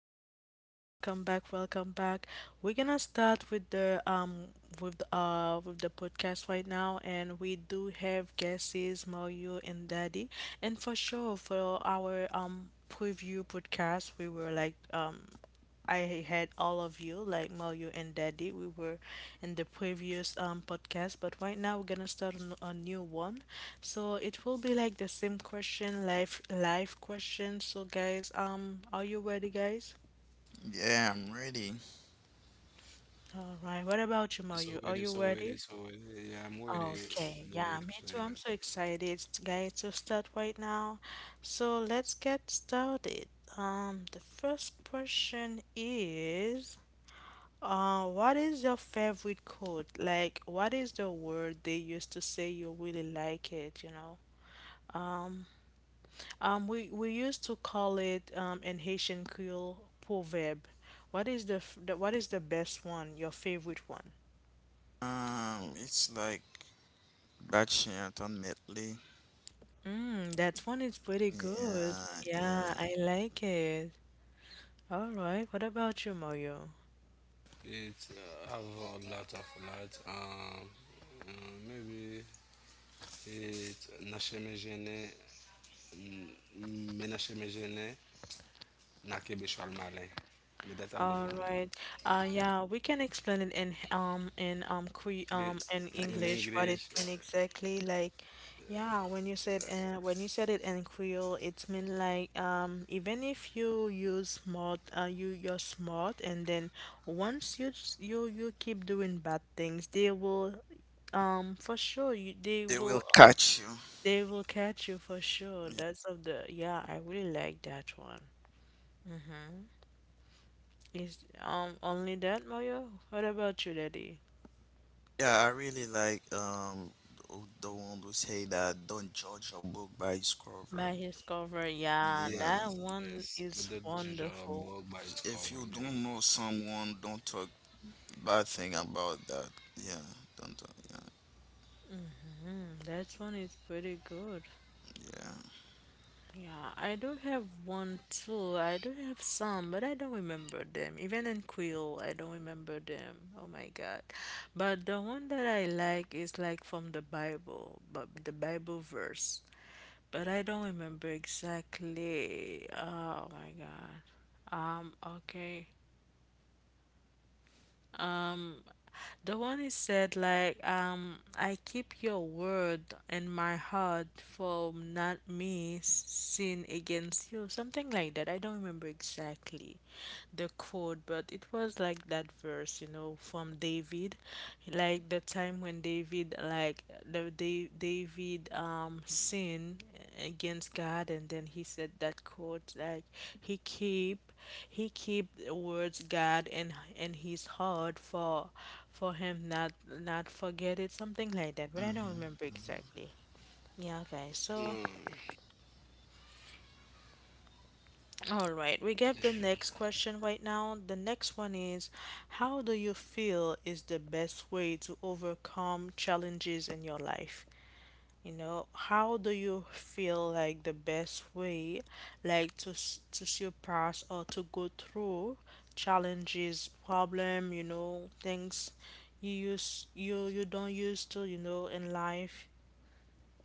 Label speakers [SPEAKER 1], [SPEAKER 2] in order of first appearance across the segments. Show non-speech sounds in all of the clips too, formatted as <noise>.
[SPEAKER 1] Hello guys. Welcome back. Welcome back. We're gonna start with the with the with the podcast right now, and we do have guests Mario and Daddy, and for sure for our preview podcast we were like. I had all of you, like Mario and Daddy. We were in the previous podcast, but right now we're gonna start on a new one. So it will be like the same question, life question. So guys, are you ready, guys?
[SPEAKER 2] Yeah, I'm ready.
[SPEAKER 1] All right. What about you,
[SPEAKER 3] So
[SPEAKER 1] Mario?
[SPEAKER 3] with
[SPEAKER 1] Are
[SPEAKER 3] it,
[SPEAKER 1] you
[SPEAKER 3] so with
[SPEAKER 1] ready?
[SPEAKER 3] it, so with it. Yeah, I'm with it.
[SPEAKER 1] Okay,
[SPEAKER 3] I'm with
[SPEAKER 1] yeah,
[SPEAKER 3] it.
[SPEAKER 1] me
[SPEAKER 3] So
[SPEAKER 1] too.
[SPEAKER 3] yeah.
[SPEAKER 1] I'm so excited, guys, to start right now. So let's get started. The first question is, what is your favorite quote? Like, what is the word they used to say you really like it, Um, we used to call it in Haitian Creole proverb. What is the, f- the what is the best one? Your favorite one?
[SPEAKER 2] It's like Bachelor ultimately.
[SPEAKER 1] Mm, that one is pretty good.
[SPEAKER 2] Yeah,
[SPEAKER 1] Yeah,
[SPEAKER 2] yeah.
[SPEAKER 1] I like it. All right. What about you, Mario?
[SPEAKER 3] It's have a lot of lot. Uh, maybe it nasheme gene, me nasheme gene, nakebe shalmale. But that's a good
[SPEAKER 1] All
[SPEAKER 3] one.
[SPEAKER 1] right. Yeah, we can explain it in Cree
[SPEAKER 3] Gre-
[SPEAKER 1] in
[SPEAKER 2] Like,
[SPEAKER 3] In
[SPEAKER 1] English what it
[SPEAKER 3] English,
[SPEAKER 1] mean exactly. Like, yeah, when you said it in Creole, it's mean like even if you use smart, you're smart, and then once you s- you keep doing bad things, they will for sure you
[SPEAKER 2] they will catch you.
[SPEAKER 1] they will catch you for sure. That's of the yeah, I really like that one. Is only that, Mario? What about you, Daddy?
[SPEAKER 2] Yeah, I really like the one who say that don't judge a book by its cover.
[SPEAKER 1] By his cover, yeah,
[SPEAKER 2] Yeah,
[SPEAKER 1] that
[SPEAKER 3] yes,
[SPEAKER 1] one
[SPEAKER 3] yes.
[SPEAKER 1] is
[SPEAKER 3] But that judge a
[SPEAKER 1] wonderful.
[SPEAKER 3] book by its
[SPEAKER 2] if you
[SPEAKER 3] cover,
[SPEAKER 2] don't know
[SPEAKER 3] yes.
[SPEAKER 2] someone, don't talk bad thing about that. Yeah, don't talk. Yeah,
[SPEAKER 1] Mm, that one is pretty good.
[SPEAKER 2] yeah.
[SPEAKER 1] Yeah, I do have one too. I do have some, but I don't remember them. Even in Quill, I don't remember them. Oh my God. But the one that I like is like from the Bible, but the Bible verse. But I don't remember exactly. Oh my God. Okay. Um, the one is said like I keep your word in my heart from not me sin against you, something like that. I don't remember exactly the quote, but it was like that verse, you know, from David, like the time when David like David sinned against God, and then he said that quote, like he keep he keep the words God in his heart for him not not forget it, something like that. But I don't
[SPEAKER 2] Hmm.
[SPEAKER 1] remember exactly. Yeah, guys.
[SPEAKER 3] Mm,
[SPEAKER 1] So, all right, we get the next question right now. The next one is, how do you feel is the best way to overcome challenges in your life? You know, how do you feel like the best way, like to surpass or to go through challenges, problem, you know, things you use you you don't used to, you know, in life,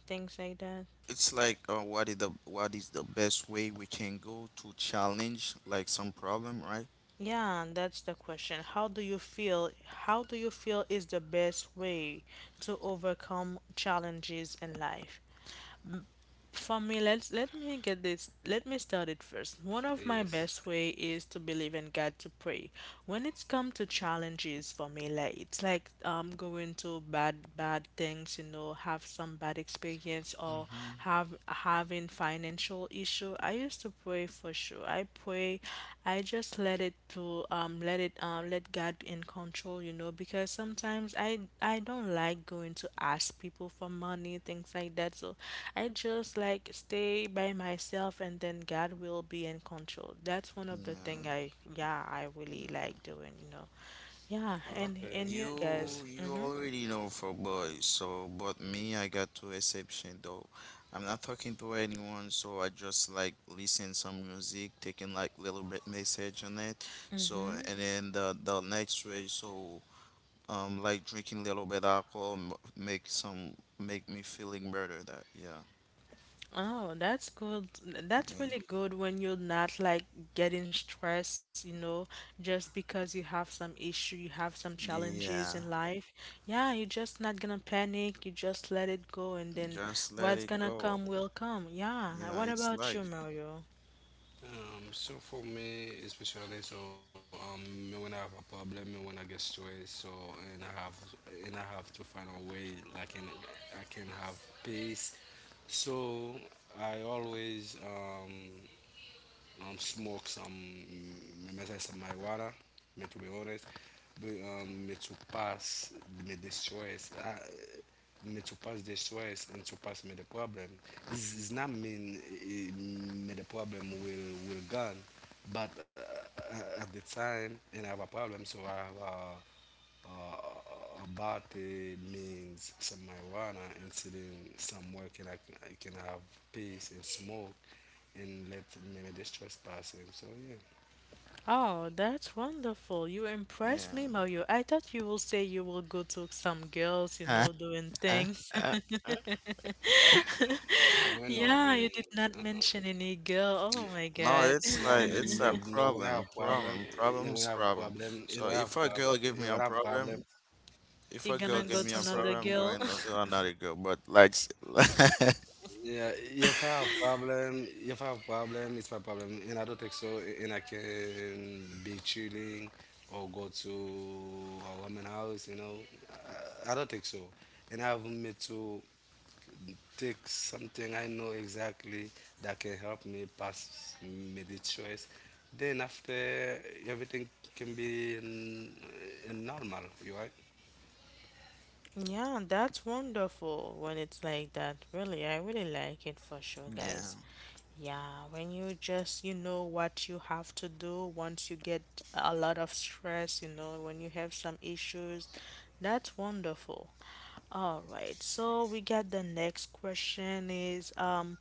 [SPEAKER 1] things like that.
[SPEAKER 2] It's like what is the best way we can go to challenge like some problem, right?
[SPEAKER 1] Yeah, and that's the question. How do you feel? How do you feel is the best way to overcome challenges in life? For me, let's let me get this. Let me start it first. One of my
[SPEAKER 3] yes.
[SPEAKER 1] best way is to believe in God to pray. When it's come to challenges for me, like it's like going to bad things, you know, have some bad experience or
[SPEAKER 2] Mm-hmm.
[SPEAKER 1] have having financial issue. I used to pray for sure. I pray. I just let it to let it let God in control, you know, because sometimes I don't like going to ask people for money, things like that. So I just like stay by myself and then God will be in control. That's one of the thing
[SPEAKER 2] Yeah.
[SPEAKER 1] I yeah, I really like doing, you know. Yeah,
[SPEAKER 3] Oh,
[SPEAKER 1] and
[SPEAKER 3] okay.
[SPEAKER 1] you
[SPEAKER 2] You
[SPEAKER 1] guys.
[SPEAKER 3] Nice.
[SPEAKER 2] you already know for boys, so but me I got two exception though. I'm not talking to anyone, so I just like listen some music, taking like little bit message on it. So
[SPEAKER 1] Hmm.
[SPEAKER 2] and then the next way, so like drinking little bit alcohol make some make me feeling better. That yeah
[SPEAKER 1] Oh, that's good. That's
[SPEAKER 2] yeah
[SPEAKER 1] really good when you're not like getting stressed, you know, just because you have some issue, you have some challenges in
[SPEAKER 2] yeah.
[SPEAKER 1] life. Yeah, you're just not gonna panic. You just let it go, and then
[SPEAKER 2] Just let
[SPEAKER 1] what's
[SPEAKER 2] it
[SPEAKER 1] gonna
[SPEAKER 2] go.
[SPEAKER 1] come will come. Yeah.
[SPEAKER 2] Yeah,
[SPEAKER 1] What
[SPEAKER 2] it's
[SPEAKER 1] about you,
[SPEAKER 2] life.
[SPEAKER 1] Mario?
[SPEAKER 3] So for me, especially, so me when I have a problem, me when I get stressed, so and I have to find a way like can I can have peace. So I always smoke some me mess some marijuana, me to be honest, but me to pass me the stress, me to pass the stress and to pass me the problem. It's not mean me the problem will gone, but at the time and I have a problem, so I have a Abate means some marijuana and sitting somewhere can I can have peace and smoke and let maybe the stress pass him. So yeah,
[SPEAKER 1] Oh, that's wonderful. You impressed
[SPEAKER 2] Yeah.
[SPEAKER 1] me, Mario. I thought you will say you will go to some girls, you know, doing things.
[SPEAKER 2] <laughs>
[SPEAKER 1] <laughs>
[SPEAKER 3] So, for me no,
[SPEAKER 1] Yeah, you
[SPEAKER 3] and
[SPEAKER 1] did not
[SPEAKER 3] uh,
[SPEAKER 1] mention any girl. Oh my
[SPEAKER 2] No,
[SPEAKER 3] no,
[SPEAKER 1] God.
[SPEAKER 3] me,
[SPEAKER 2] it's
[SPEAKER 3] me,
[SPEAKER 2] like
[SPEAKER 3] me
[SPEAKER 2] it's
[SPEAKER 1] <laughs>
[SPEAKER 3] when I
[SPEAKER 2] a
[SPEAKER 3] have
[SPEAKER 2] problem,
[SPEAKER 3] problem, yeah,
[SPEAKER 2] problem,
[SPEAKER 3] when I have
[SPEAKER 2] problems,
[SPEAKER 3] problem,
[SPEAKER 2] problem.
[SPEAKER 3] when I have
[SPEAKER 2] So
[SPEAKER 3] problem,
[SPEAKER 2] if a girl
[SPEAKER 3] when I
[SPEAKER 2] give me
[SPEAKER 3] have
[SPEAKER 2] a
[SPEAKER 3] problem.
[SPEAKER 2] problem, if
[SPEAKER 1] You're
[SPEAKER 2] a girl
[SPEAKER 1] gonna
[SPEAKER 2] give
[SPEAKER 1] go
[SPEAKER 2] me
[SPEAKER 1] to
[SPEAKER 2] a
[SPEAKER 3] So
[SPEAKER 1] another
[SPEAKER 2] problem, I'm
[SPEAKER 1] girl.
[SPEAKER 2] going to
[SPEAKER 1] <laughs>
[SPEAKER 2] tell another girl. But like, <laughs> yeah,
[SPEAKER 3] yeah, yeah, if I have problem, it's my problem, and I don't think so. And I can be chilling or go to a woman house. I don't think so. And I have me to take something I know exactly that can help me pass me the choice. Then after everything can be normal, you right?
[SPEAKER 1] Yeah, that's wonderful when it's like that. Really, I really like it for sure, guys. Yeah, when you just, you know, what you have to do once you get a lot of stress, you know, when you have some issues, that's wonderful. All right, so we got the next question is,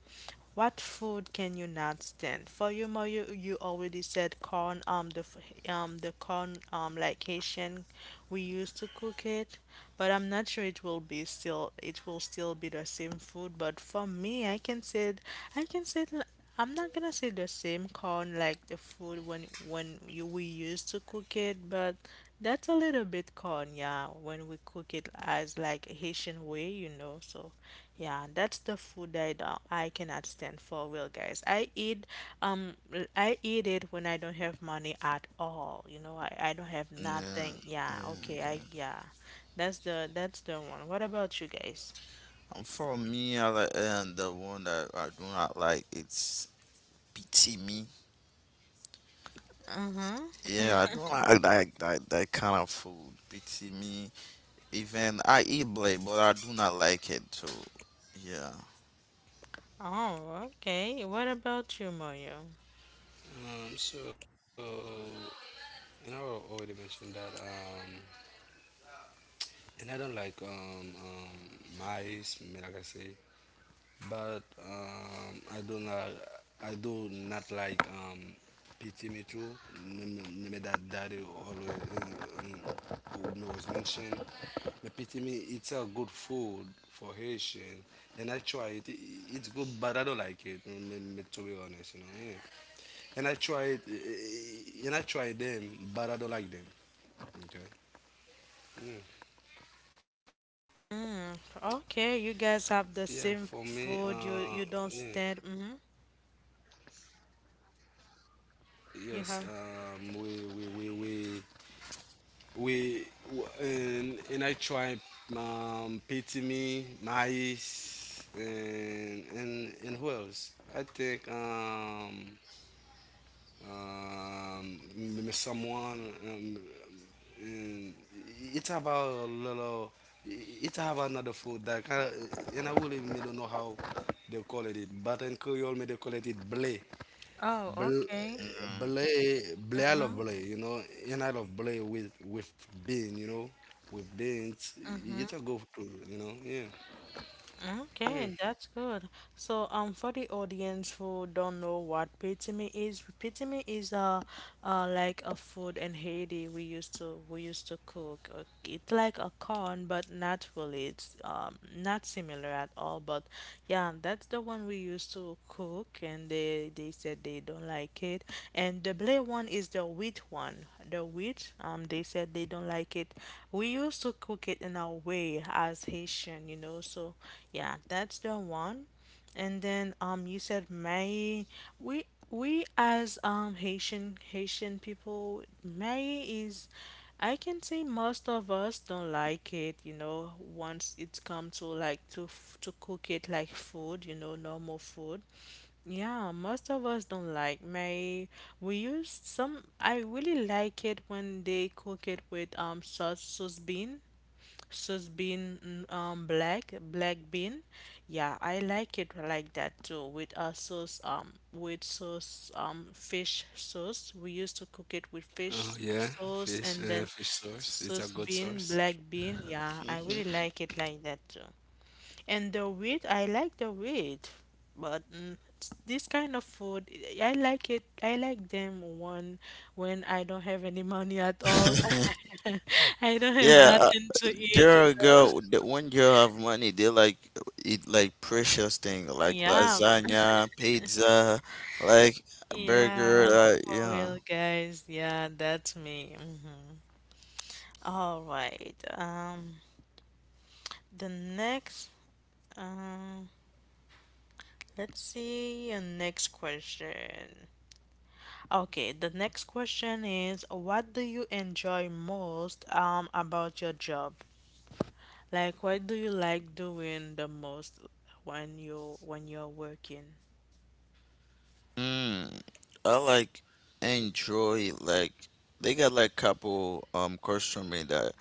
[SPEAKER 1] what food can you not stand? For you, Ma, you already said corn, the corn, like Haitian, we used to cook it, but I'm not sure it will be still, it will still be the same food. But for me, I can say, I can say it. I'm not gonna say the same corn like the food when you, we used to cook it, but that's a little bit corn, yeah, when we cook it as like Haitian way, you know. So, yeah, that's the food that I cannot stand for real, guys. I eat I eat it when I don't have money at all. You know, I don't have
[SPEAKER 2] yeah,
[SPEAKER 1] nothing. Yeah,
[SPEAKER 2] yeah,
[SPEAKER 1] okay, I
[SPEAKER 2] yeah.
[SPEAKER 1] yeah. That's the one. What about you guys?
[SPEAKER 2] And for me, I like and the one that I do not like, it's pity me.
[SPEAKER 1] Mm-hmm.
[SPEAKER 2] Yeah, I don't like that, that kind of food. Pity me. Even I eat blade, but I do not like it too. Yeah.
[SPEAKER 1] Oh, okay. What about you, Moyo?
[SPEAKER 3] So and I already mentioned that. And I don't like mice, like I say, but I do not like pity me too. Me, me that daddy always um, me was mentioned. Me pity me, it's a good food for Haitian, and I try it. It's good, but I don't like it. To be honest. Yeah. And I try it, and I try them, but I don't like them. Okay.
[SPEAKER 1] Mm,
[SPEAKER 3] Yeah,
[SPEAKER 1] okay,
[SPEAKER 3] for
[SPEAKER 1] you
[SPEAKER 3] me,
[SPEAKER 1] guys have the same
[SPEAKER 3] yeah.
[SPEAKER 1] food. You don't stand. Mm-hmm.
[SPEAKER 3] Yes,
[SPEAKER 1] You have.
[SPEAKER 3] and I try Pitimi, Mais, and who else? I think someone and it's about a little it have another food that kind of, and I really me don't know how they call it, but in Creole me they call it blé.
[SPEAKER 1] Oh,
[SPEAKER 3] Bel-
[SPEAKER 1] okay.
[SPEAKER 3] Belay, Belial of
[SPEAKER 1] Mm-hmm.
[SPEAKER 3] Belay, an out of Belay with bean, with beans. It's
[SPEAKER 1] Mm-hmm.
[SPEAKER 3] a good tool. Yeah.
[SPEAKER 1] Okay, that's good. So, for the audience who don't know what pitime is a, like a food in Haiti we used to cook. It's like a corn, but not really. It's not similar at all. But yeah, that's the one we used to cook, and they said they don't like it. And the blue one is the wheat one the wheat. They said they don't like it. We used to cook it in our way as Haitian, you know. So yeah, that's the one. And then you said May. We as Haitian Haitian people, May is, I can say most of us don't like it. You know, once it's come to like to cook it like food, you know, normal food. Yeah, most of us don't like May. We use some. I really like it when they cook it with sauce, sauce bean. Sus bean, mm, black, black bean. Yeah, I like it like that too. With a sauce, with sauce, fish sauce. We used to cook it with
[SPEAKER 3] Oh
[SPEAKER 1] fish
[SPEAKER 3] yeah.
[SPEAKER 1] sauce and then
[SPEAKER 3] Fish source. It's a
[SPEAKER 1] sauce
[SPEAKER 3] good
[SPEAKER 1] bean,
[SPEAKER 3] source.
[SPEAKER 1] black bean. Yeah, I really like it like that too. And the wheat, I like the wheat, but mm, this kind of food, I like it. I like them when I don't have any money at all.
[SPEAKER 2] Mm-hmm. <laughs>
[SPEAKER 1] <laughs> I don't have
[SPEAKER 2] Yeah,
[SPEAKER 1] nothing to eat, you
[SPEAKER 2] girl,
[SPEAKER 1] know.
[SPEAKER 2] girl, the when girl have money, they like eat like precious thing like
[SPEAKER 1] Yeah,
[SPEAKER 2] lasagna, pizza, like burger,
[SPEAKER 1] yeah,
[SPEAKER 2] like
[SPEAKER 1] for
[SPEAKER 2] yeah.
[SPEAKER 1] real, guys. Yeah, that's me. Mhm. All right. The next, um, let's see, a next question. Okay, the next question is what do you enjoy most about your job? Like what do you like doing the most when you when you're working?
[SPEAKER 2] Mm, I like enjoy like they got like couple customer that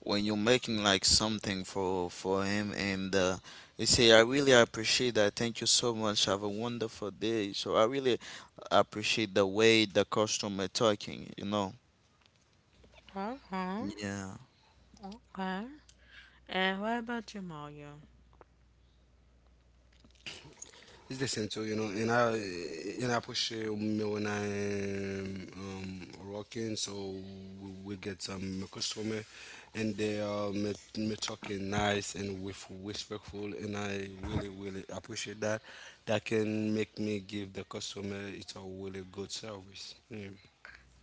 [SPEAKER 2] when you're making like something for him and they say I really appreciate that. Thank you so much. Have a wonderful day. So I really appreciate the way the customer talking, you know.
[SPEAKER 1] Uh-huh.
[SPEAKER 2] Yeah.
[SPEAKER 1] Okay. And what about you, Mario?
[SPEAKER 3] It's the same too, and I appreciate me when I am working, so we get some customer, and they are me talking nice and with respectful, and I really appreciate that. That can make me give the customer it's a really good service. Yeah.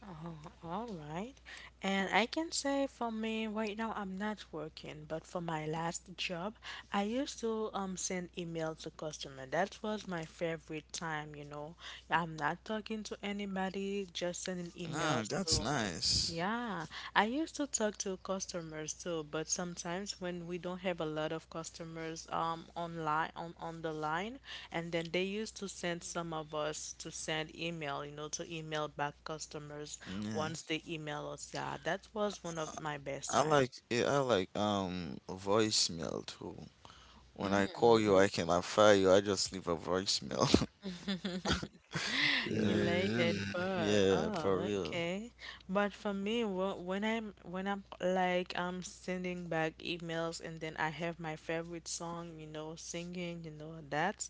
[SPEAKER 1] Uh-huh. All right. And I can say for me right now I'm not working, but for my last job, I used to send email to customer. That was my favorite time, you know. I'm not talking to anybody, just sending
[SPEAKER 2] Nah,
[SPEAKER 1] emails
[SPEAKER 2] that's
[SPEAKER 1] to
[SPEAKER 2] nice.
[SPEAKER 1] yeah, I used to talk to customers too, but sometimes when we don't have a lot of customers online on the line, and then they used to send some of us to send email, you know, to email back customers
[SPEAKER 2] Yeah.
[SPEAKER 1] once they email us. Yeah, that was one of my best
[SPEAKER 2] I
[SPEAKER 1] time.
[SPEAKER 2] like yeah, I like voicemail too. When I call you, I cannot fire you. I just leave a voicemail. <laughs> Yeah.
[SPEAKER 3] Yeah.
[SPEAKER 1] Elated, but
[SPEAKER 2] Yeah, for
[SPEAKER 1] oh,
[SPEAKER 2] real.
[SPEAKER 1] okay. But for me, when I'm like I'm sending back emails and then I have my favorite song, you know, singing, you know, that's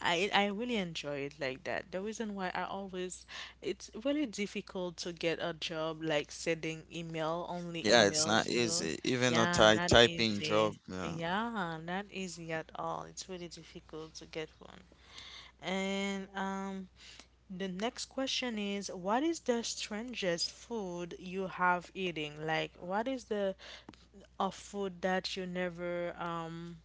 [SPEAKER 1] I really enjoy it like that. The reason why I always it's really difficult to get a job like sending email only
[SPEAKER 2] Yeah, it's not
[SPEAKER 1] emails, you know.
[SPEAKER 2] easy. Even a
[SPEAKER 1] Yeah,
[SPEAKER 2] ty
[SPEAKER 1] not
[SPEAKER 2] typing
[SPEAKER 1] easy.
[SPEAKER 2] job, yeah.
[SPEAKER 1] Yeah, not easy at all. It's really difficult to get one. And the next question is what is the strangest food you have eating? Like what is the a food that you never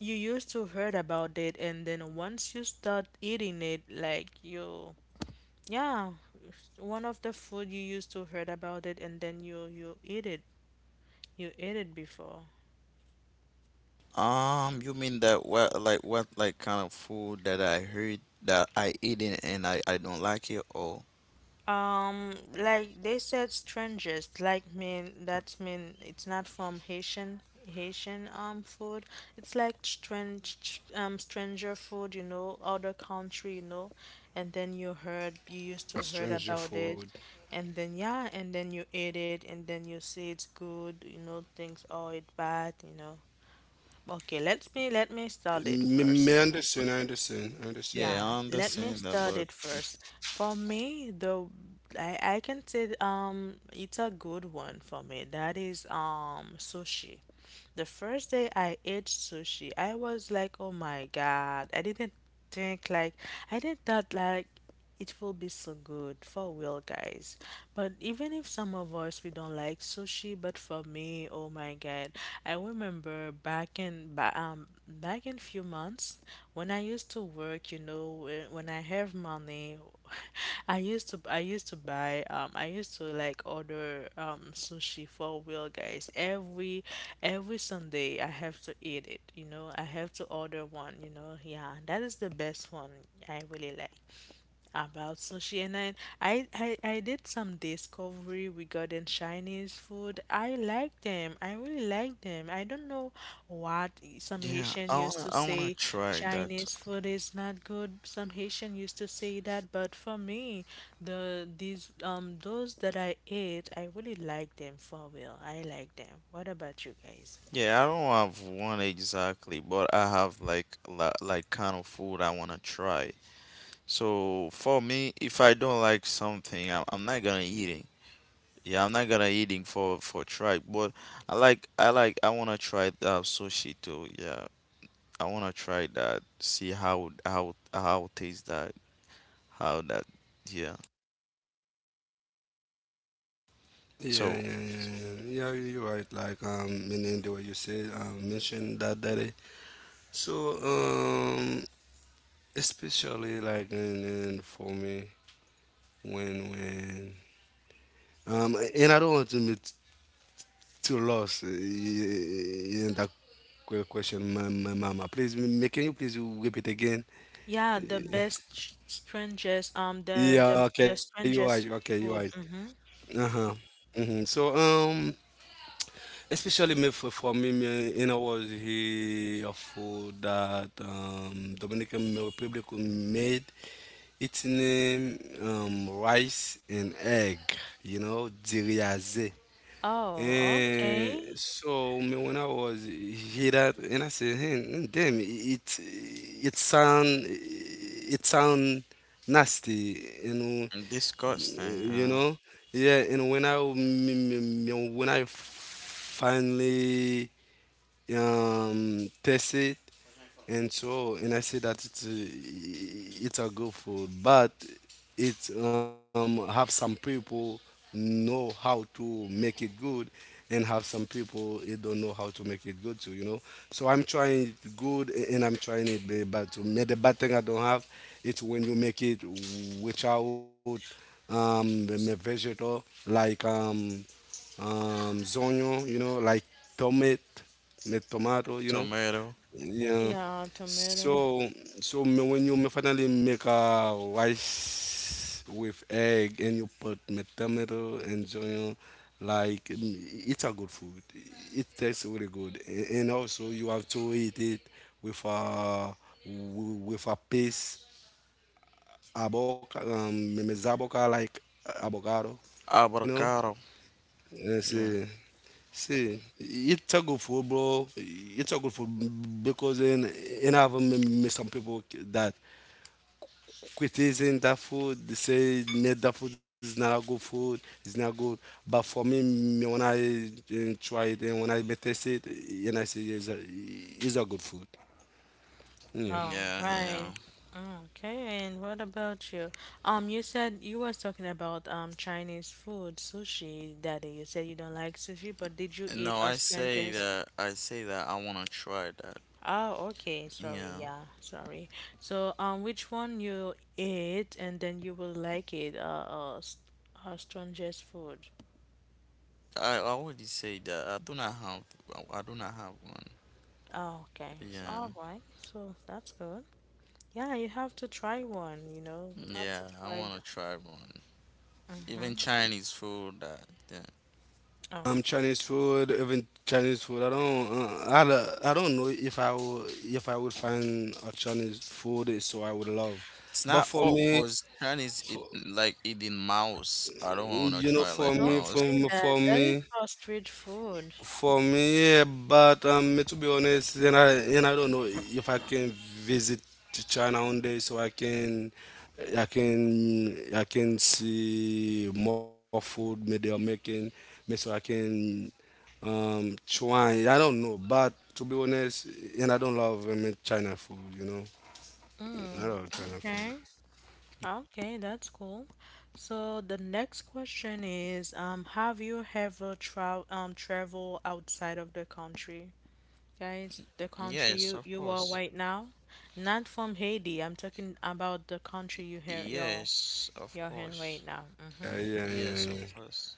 [SPEAKER 1] you used to heard about it and then once you start eating it like you yeah one of the food you used to heard about it and then you eat it you ate it before.
[SPEAKER 2] You mean that what like kind of food that I heard that I eat it and I don't like it or
[SPEAKER 1] Like they said, strangest. Like mean that mean it's not from Haitian Haitian food. It's like strange stranger food. You know, other country. You know, and then you heard you used to heard
[SPEAKER 3] Stranger
[SPEAKER 1] about
[SPEAKER 3] food.
[SPEAKER 1] it, and then yeah, and then you ate it, and then you say it's good. You know, things oh it bad. You know. Okay, let me start
[SPEAKER 3] Me,
[SPEAKER 1] it
[SPEAKER 3] me
[SPEAKER 1] first.
[SPEAKER 3] understand. I understand. I understand you.
[SPEAKER 2] yeah,
[SPEAKER 1] Yeah,
[SPEAKER 2] I
[SPEAKER 1] let me
[SPEAKER 2] understand that,
[SPEAKER 1] start
[SPEAKER 2] but
[SPEAKER 1] it first. For me, the I can say it's a good one for me. That is sushi. The first day I ate sushi, I was like, oh my God. I didn't think like I didn't thought like it will be so good for real, guys. But even if some of us we don't like sushi, but for me, oh my God, I remember back in few months when I used to work, you know, when I have money, <laughs> I used to buy I used to like order sushi for real, guys. Every Sunday I have to eat it, you know. I have to order one, you know. Yeah, that is the best one I really like. About sushi, and I did some discovery regarding Chinese food. I like them. I really like them. I don't know what some
[SPEAKER 2] yeah,
[SPEAKER 1] Haitian used to
[SPEAKER 2] I wanna
[SPEAKER 1] say
[SPEAKER 2] try that.
[SPEAKER 1] Chinese food is not good. Some Haitian used to say that, but for me, the these those that I ate, I really like them for real. I like them. What about you guys?
[SPEAKER 2] Yeah, I don't have one exactly, but I have like like kind of food I wanna try. So for me, if I don't like something, I'm not gonna eating. Yeah, I'm not gonna eating for try. But I like I like I wanna try sushi too. Yeah, I wanna try that. See how taste that how that. Yeah.
[SPEAKER 3] Yeah, yeah,
[SPEAKER 2] So
[SPEAKER 3] yeah, yeah. Yeah, you're right. Like meaning the way you said mentioned that daddy. So especially like in for me when and I don't want to be too lost in that question, my mama. Please, can you please repeat again?
[SPEAKER 1] Yeah, the best, strangest, the
[SPEAKER 3] Yeah.
[SPEAKER 1] the
[SPEAKER 3] Okay,
[SPEAKER 1] the
[SPEAKER 3] you're right. Okay,
[SPEAKER 1] strangest
[SPEAKER 3] you're right.
[SPEAKER 1] food. Mm-hmm.
[SPEAKER 3] Uh huh. hmm So um. Especially me for me, me in was he a food that Dominican Republic made. Its name rice and egg, diriaze.
[SPEAKER 1] Oh,
[SPEAKER 3] And
[SPEAKER 1] okay.
[SPEAKER 3] so me when I was hear that and I said, hey, damn, it sound nasty,
[SPEAKER 2] disgusting.
[SPEAKER 3] you
[SPEAKER 2] Uh,
[SPEAKER 3] know yeah and when I m- m- m- when I finally test it and so and I say that it's a good food, but it have some people know how to make it good, and have some people it don't know how to make it good too. So I'm trying it good and I'm trying it bad, bad too. The bad thing I don't have it's when you make it without the vegetable like zonyo, like tomat, the
[SPEAKER 2] like
[SPEAKER 3] tomato.
[SPEAKER 2] tomato,
[SPEAKER 3] Yeah.
[SPEAKER 1] Yeah, tomato.
[SPEAKER 3] So, so when you me finally make a rice with egg and you put me tomato and zonyo, like it's a good food. It tastes really good, and also you have to eat it with a with a piece aboca me- me zaboca like avocado, you know.
[SPEAKER 2] avocado.
[SPEAKER 3] Yes.
[SPEAKER 2] Yeah.
[SPEAKER 3] See, it's a good food, bro. It's a good food because in I have some people that criticizing that food. They say "Nah, that food is not a good food. It's not good. But for me, me when I try it and when I taste it, and I say it's a good food. Yeah.
[SPEAKER 1] All
[SPEAKER 2] Yeah.
[SPEAKER 1] right.
[SPEAKER 2] Yeah.
[SPEAKER 1] Okay, and what about you? You said you was talking about Chinese food, sushi, Daddy. You said you don't like sushi, but did you
[SPEAKER 2] No,
[SPEAKER 1] eat
[SPEAKER 2] I say
[SPEAKER 1] Australian's?
[SPEAKER 2] that I say that I wanna try that.
[SPEAKER 1] Oh, okay. Sorry.
[SPEAKER 2] Yeah.
[SPEAKER 1] Yeah, sorry. So, which one you ate, and then you will like it? Strangest food.
[SPEAKER 2] I already say that I do not have I do not have one.
[SPEAKER 1] Oh, okay. All
[SPEAKER 2] Yeah.
[SPEAKER 1] right. So that's good. Yeah, you have to try one, you know. You have to
[SPEAKER 2] Yeah, I
[SPEAKER 1] try.
[SPEAKER 2] wanna try one. Even
[SPEAKER 1] Mm-hmm.
[SPEAKER 2] Chinese food that yeah.
[SPEAKER 1] Oh, okay.
[SPEAKER 3] Chinese food, even Chinese food. I don't know if I will, if I would find a Chinese food so I would love.
[SPEAKER 2] It's
[SPEAKER 3] But
[SPEAKER 2] not
[SPEAKER 3] for
[SPEAKER 2] all
[SPEAKER 3] me,
[SPEAKER 2] cause Chinese eat like eating mouse. I don't wanna
[SPEAKER 3] You know,
[SPEAKER 2] try
[SPEAKER 3] for
[SPEAKER 2] like
[SPEAKER 1] Don't
[SPEAKER 3] me, for
[SPEAKER 2] mouse.
[SPEAKER 1] say
[SPEAKER 3] me,
[SPEAKER 1] that.
[SPEAKER 3] for
[SPEAKER 1] That is
[SPEAKER 3] me,
[SPEAKER 1] for street food.
[SPEAKER 3] for me, yeah, but to be honest, and I don't know if I can visit to China one day, so I can see more food maybe they're making, maybe so I can try. I don't know, but to be honest, and I don't love China food. You know, I
[SPEAKER 1] Mm,
[SPEAKER 3] love China food.
[SPEAKER 1] okay. Okay, that's cool. So the next question is, have you ever travel outside of the country? Guys, the country
[SPEAKER 2] Yes,
[SPEAKER 1] you
[SPEAKER 2] of
[SPEAKER 1] you are
[SPEAKER 2] course.
[SPEAKER 1] right now? Not from Haiti. I'm talking about the country you hear your you're
[SPEAKER 2] Yes, of
[SPEAKER 1] you're in
[SPEAKER 2] course.
[SPEAKER 1] right now. Mm-hmm.
[SPEAKER 3] Yeah, yeah, yeah,
[SPEAKER 2] Yes, of
[SPEAKER 3] yeah.
[SPEAKER 2] course.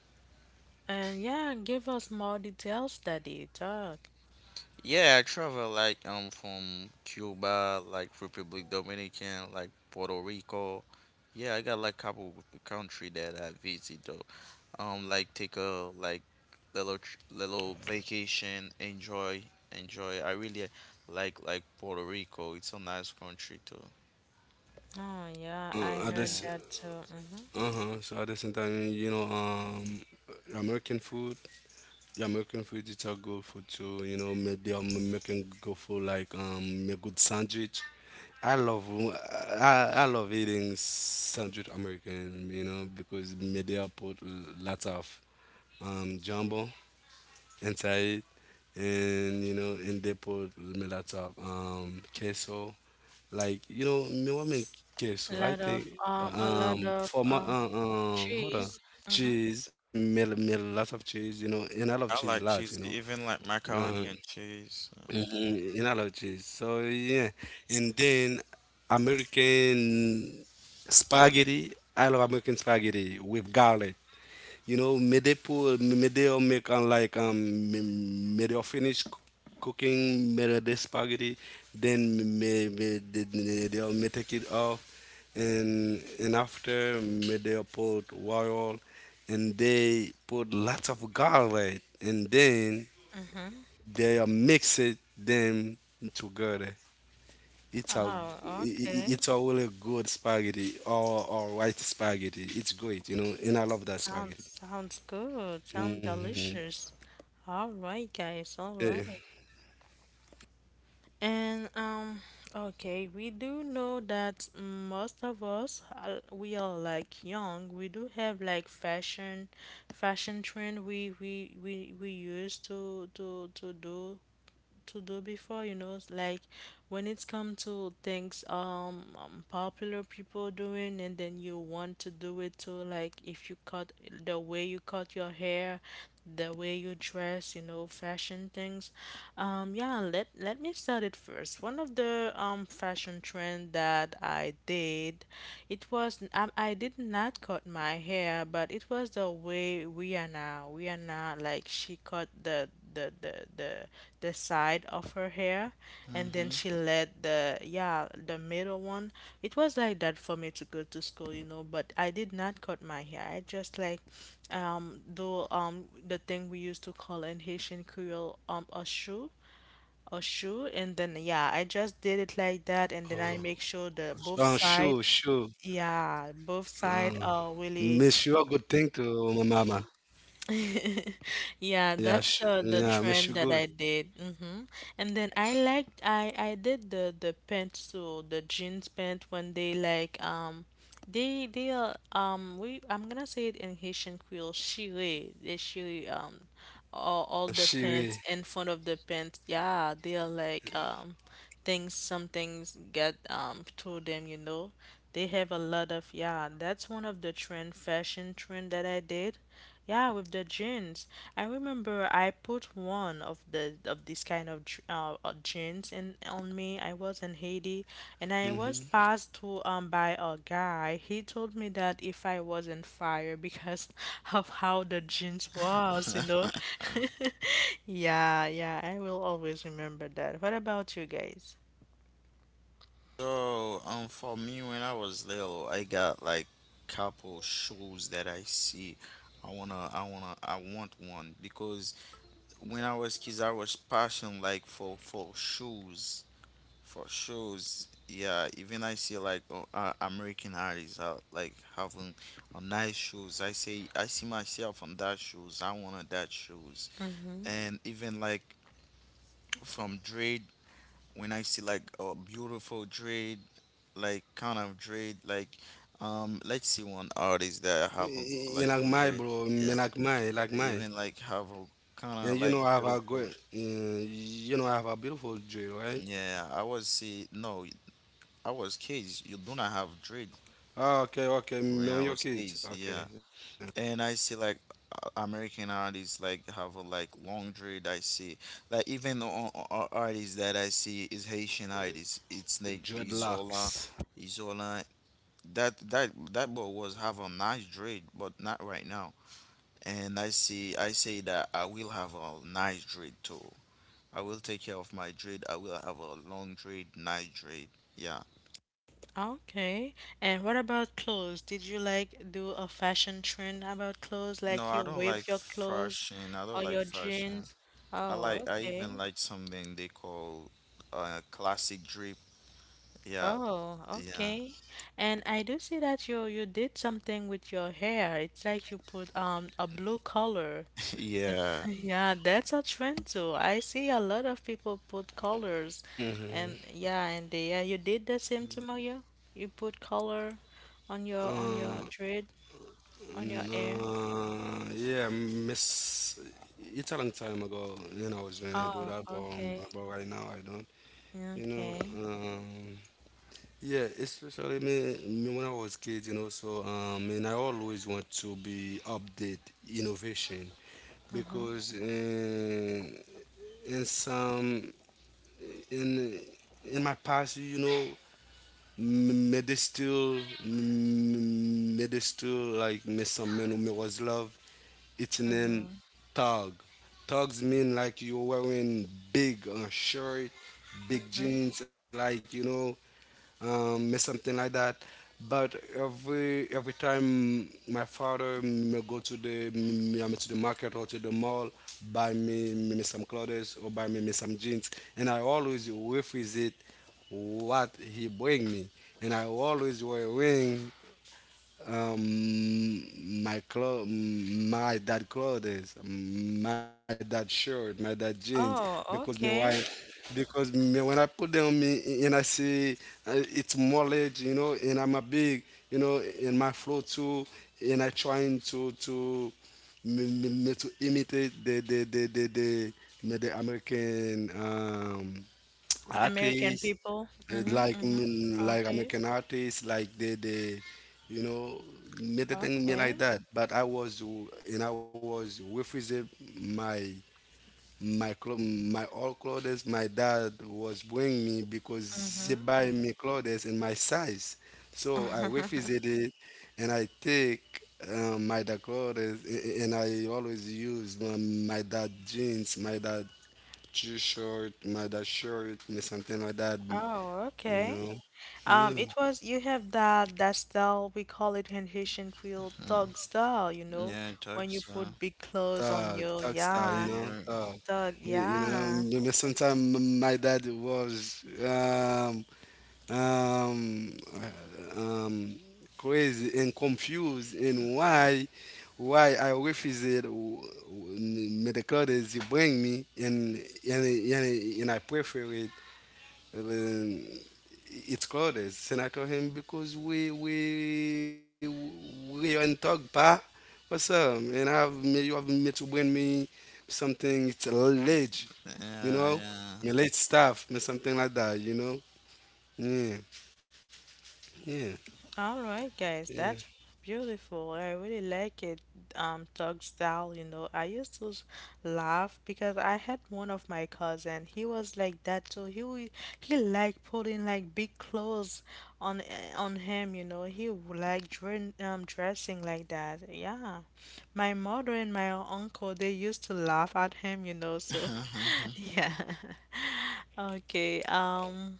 [SPEAKER 1] And yeah, give us more details, Daddy. Talk.
[SPEAKER 2] Yeah, I travel like from Cuba, like Republic Dominican, like Puerto Rico. Yeah, I got like couple country that I visit though. Like take a like little little vacation, enjoy, enjoy. I really like Puerto Rico. It's a nice country too.
[SPEAKER 1] Oh yeah, I
[SPEAKER 3] I
[SPEAKER 1] heard
[SPEAKER 3] just
[SPEAKER 2] Yeah,
[SPEAKER 1] that too. Hmm.
[SPEAKER 3] Uh-huh. So at the same time, American food, American food, is a good food too. Maybe American good food like make good sandwich. I love, I love eating sandwich American. Because maybe I put lots of jumbo. Inside, and and they put me lots of queso, like me want make
[SPEAKER 1] A
[SPEAKER 3] queso. I
[SPEAKER 1] lot
[SPEAKER 3] think
[SPEAKER 1] of
[SPEAKER 3] for my, hold
[SPEAKER 1] cheese.
[SPEAKER 3] on,
[SPEAKER 1] Mm-hmm.
[SPEAKER 3] cheese. Me lots of cheese, and I love
[SPEAKER 2] I
[SPEAKER 3] cheese a
[SPEAKER 2] like
[SPEAKER 3] lot,
[SPEAKER 2] cheese, even like
[SPEAKER 3] uh,
[SPEAKER 2] macaroni and cheese.
[SPEAKER 3] mhm, and I love cheese, so yeah. And then American spaghetti. I love American spaghetti with garlic, midday pool, midday I'll make midday I'll finish cooking midday spaghetti, then maybe they'll take it off, and after midday I'll put oil, and they put lots of garlic, and then
[SPEAKER 1] Mm-hmm.
[SPEAKER 3] they mix it them together. It's a
[SPEAKER 1] Oh, okay.
[SPEAKER 3] it's a really good spaghetti or white spaghetti. It's great, and I love that spaghetti.
[SPEAKER 1] Sounds sounds good. Sounds
[SPEAKER 3] hmm
[SPEAKER 1] delicious. All right, guys. All right. And okay, we do know that most of us are, we are like young. We do have like fashion, fashion trend we used to to do to do before, you know, like when it's come to things popular people doing and then you want to do it too, like if you cut the way you cut your hair, the way you dress, you know, fashion things. Yeah, let me start it first. One of the fashion trend that I did, it was I did not cut my hair, but it was the way Rihanna like she cut the side of her hair and then
[SPEAKER 2] Mm-hmm.
[SPEAKER 1] she let the yeah the middle one. It was like that for me to go to school, you know, but I did not cut my hair. I just like do the thing we used to call in Haitian Creole a shoe, a shoe, and then yeah, I
[SPEAKER 3] Oh,
[SPEAKER 1] just did it like that and
[SPEAKER 3] oh,
[SPEAKER 1] then I
[SPEAKER 3] sure,
[SPEAKER 1] make sure
[SPEAKER 3] sure.
[SPEAKER 1] the both side,
[SPEAKER 3] Uh,
[SPEAKER 1] yeah, both
[SPEAKER 3] miss you a
[SPEAKER 1] side
[SPEAKER 3] good
[SPEAKER 1] are
[SPEAKER 3] thing to
[SPEAKER 1] really.
[SPEAKER 3] my mama. Yeah, sh
[SPEAKER 1] Yeah,
[SPEAKER 3] yeah, miss
[SPEAKER 1] that's
[SPEAKER 3] you good.
[SPEAKER 1] the trend that I did. Hmm. And then I did the pencil, the jeans pant when they like they are we I'm gonna say it in Haitian Creole, chire, the chire all the
[SPEAKER 3] Shiri.
[SPEAKER 1] pants in front of the pants, yeah, they're like things, some things get to them, you know, they have a lot of. Yeah, that's one of the trend, fashion trend that I did, yeah, with the jeans. I remember I put one of the of this kind of drinks in on me. I was in Haiti, and I
[SPEAKER 3] Mm-hmm.
[SPEAKER 1] was passed to by a guy. He told me that if I was in fire because <laughs> of how the drinks was, you
[SPEAKER 2] <laughs>
[SPEAKER 1] know. <laughs> Yeah, yeah, I will always remember that. What about you guys?
[SPEAKER 2] So, for me, when I was little, I got like couple shoes that I see. I wanna, I wanna, I want one because when I was kids, I was passion like for shoes, for shoes. Yeah, even I see like American artists like having a nice shoes. I say I see myself on that shoes. I wanted that shoes,
[SPEAKER 1] Mm-hmm.
[SPEAKER 2] and even like from Dre when I see like a beautiful dread, like kind of dread, like let's see one artist that have a,
[SPEAKER 3] You
[SPEAKER 2] like
[SPEAKER 3] like
[SPEAKER 2] good
[SPEAKER 3] my
[SPEAKER 2] dread,
[SPEAKER 3] bro, me
[SPEAKER 2] yeah,
[SPEAKER 3] like my, like my.
[SPEAKER 2] even like have a kind
[SPEAKER 3] And
[SPEAKER 2] of
[SPEAKER 3] you
[SPEAKER 2] like
[SPEAKER 3] know I have a
[SPEAKER 2] beautiful,
[SPEAKER 3] good, you know I have a beautiful jewel, right?
[SPEAKER 2] yeah. I was see no, I was kids. You do not have dread
[SPEAKER 3] Ah, okay, okay,
[SPEAKER 2] when
[SPEAKER 3] me and
[SPEAKER 2] I
[SPEAKER 3] your
[SPEAKER 2] was
[SPEAKER 3] kids.
[SPEAKER 2] kids,
[SPEAKER 3] Okay.
[SPEAKER 2] yeah.
[SPEAKER 3] Yeah.
[SPEAKER 2] And I see like American artists like have a like long dread. I see like even artists that I see is Haitian artists. It's like Isola.
[SPEAKER 3] Dreadlocks.
[SPEAKER 2] Isola, that that boy was have a nice trade, but not right now. And I see I say that I will have a nice trade too. I will take care of my trade. I will have a long trade, nice trade. Yeah.
[SPEAKER 1] Okay. And what about clothes? Did you like do a fashion trend about clothes?
[SPEAKER 2] No,
[SPEAKER 1] Like
[SPEAKER 2] I
[SPEAKER 1] you
[SPEAKER 2] don't like
[SPEAKER 1] whip your clothes
[SPEAKER 2] fashion. I don't
[SPEAKER 1] or
[SPEAKER 2] like
[SPEAKER 1] your
[SPEAKER 2] fashion.
[SPEAKER 1] jeans?
[SPEAKER 2] I
[SPEAKER 1] Oh,
[SPEAKER 2] like I
[SPEAKER 1] okay.
[SPEAKER 2] even like something they call classic drip. Yeah,
[SPEAKER 1] Oh,
[SPEAKER 2] yeah.
[SPEAKER 1] okay. And I do see that you did something with your hair. It's like you put a blue color.
[SPEAKER 2] <laughs>
[SPEAKER 1] Like- <laughs>
[SPEAKER 2] Yeah.
[SPEAKER 1] yeah, that's a trend too. I see a lot of people put colors
[SPEAKER 3] Mm-hmm.
[SPEAKER 1] and yeah, and they, yeah, you did the same to Mario? You put color on
[SPEAKER 3] Ah.
[SPEAKER 1] your dread, on your hair.
[SPEAKER 3] Uh, yeah, miss. It's a long time ago, I was gonna do
[SPEAKER 1] Oh,
[SPEAKER 3] that, but, um,
[SPEAKER 1] okay.
[SPEAKER 3] but but right now I don't, you know.
[SPEAKER 1] Okay.
[SPEAKER 3] Um, yeah, especially me when I was kid. So and I always want to be update innovation
[SPEAKER 1] Mm-hmm.
[SPEAKER 3] because in some in in my past, m- me they still me they still like me some men who me was love. It's named
[SPEAKER 1] Mm-hmm.
[SPEAKER 3] tug. Tugs mean like you're wearing big shirt, big
[SPEAKER 1] Mm-hmm.
[SPEAKER 3] jeans, like something like that. But every time my father may go to I mean, to the market or to the mall, buy me some clothes or buy me some jeans, and I always refuse it what he bring me, and I always wearing my clothes, my dad shirt, my dad jeans,
[SPEAKER 1] Oh,
[SPEAKER 3] because me why,
[SPEAKER 1] okay.
[SPEAKER 3] because me when I put them on me and I see it's more leg, and I'm a big, in my flow too, and I trying to me to imitate the American
[SPEAKER 1] American
[SPEAKER 3] artists
[SPEAKER 1] people. Mm-hmm.
[SPEAKER 3] like
[SPEAKER 1] Mm-hmm. Are
[SPEAKER 3] like I'm
[SPEAKER 1] these?
[SPEAKER 3] like an artist, like they you know made the thing me like
[SPEAKER 1] Okay.
[SPEAKER 3] that. But I was refusing my my clothes, my all clothes my dad was bringing me because he
[SPEAKER 1] Mm-hmm.
[SPEAKER 3] buy me clothes in my size. So I refused
[SPEAKER 1] <laughs>
[SPEAKER 3] it and I take my dad clothes and I always use my dad jeans, my dad t-shirt, my dad shirt, and something like that
[SPEAKER 1] Oh,
[SPEAKER 3] you
[SPEAKER 1] okay.
[SPEAKER 3] know. Mm,
[SPEAKER 1] It was you have that that style we call it in Haitian Creole
[SPEAKER 2] Mm.
[SPEAKER 1] thug style, you know,
[SPEAKER 2] Yeah, it
[SPEAKER 1] when you
[SPEAKER 2] talks
[SPEAKER 1] put big clothes on
[SPEAKER 3] thug,
[SPEAKER 1] your
[SPEAKER 3] thug style,
[SPEAKER 2] yeah,
[SPEAKER 1] yeah,
[SPEAKER 2] you're right.
[SPEAKER 3] thug.
[SPEAKER 1] thug,
[SPEAKER 3] You know,
[SPEAKER 1] yeah.
[SPEAKER 3] maybe sometimes my dad was um, uh, um, crazy and confused in why I refused medical that you bring me and and, I prefer it. um, it's Claudes. And I told him because we are in talk pa. What's up? And I have me you have me to bring me something it's a ledge, you know?
[SPEAKER 2] Yeah,
[SPEAKER 3] Me late stuff, me something like that, you know? Yeah, yeah,
[SPEAKER 1] All right, guys,
[SPEAKER 3] yeah,
[SPEAKER 1] that's beautiful. I really like it. Doug style, you know. I used to laugh because I had one of my cousin. He was like that too. He liked putting like big clothes on on him, you know. He would like dressing like that. Yeah, my mother and my uncle they used to laugh at him, you know. So,
[SPEAKER 2] yeah. <laughs>
[SPEAKER 1] <laughs> yeah. <laughs> Okay.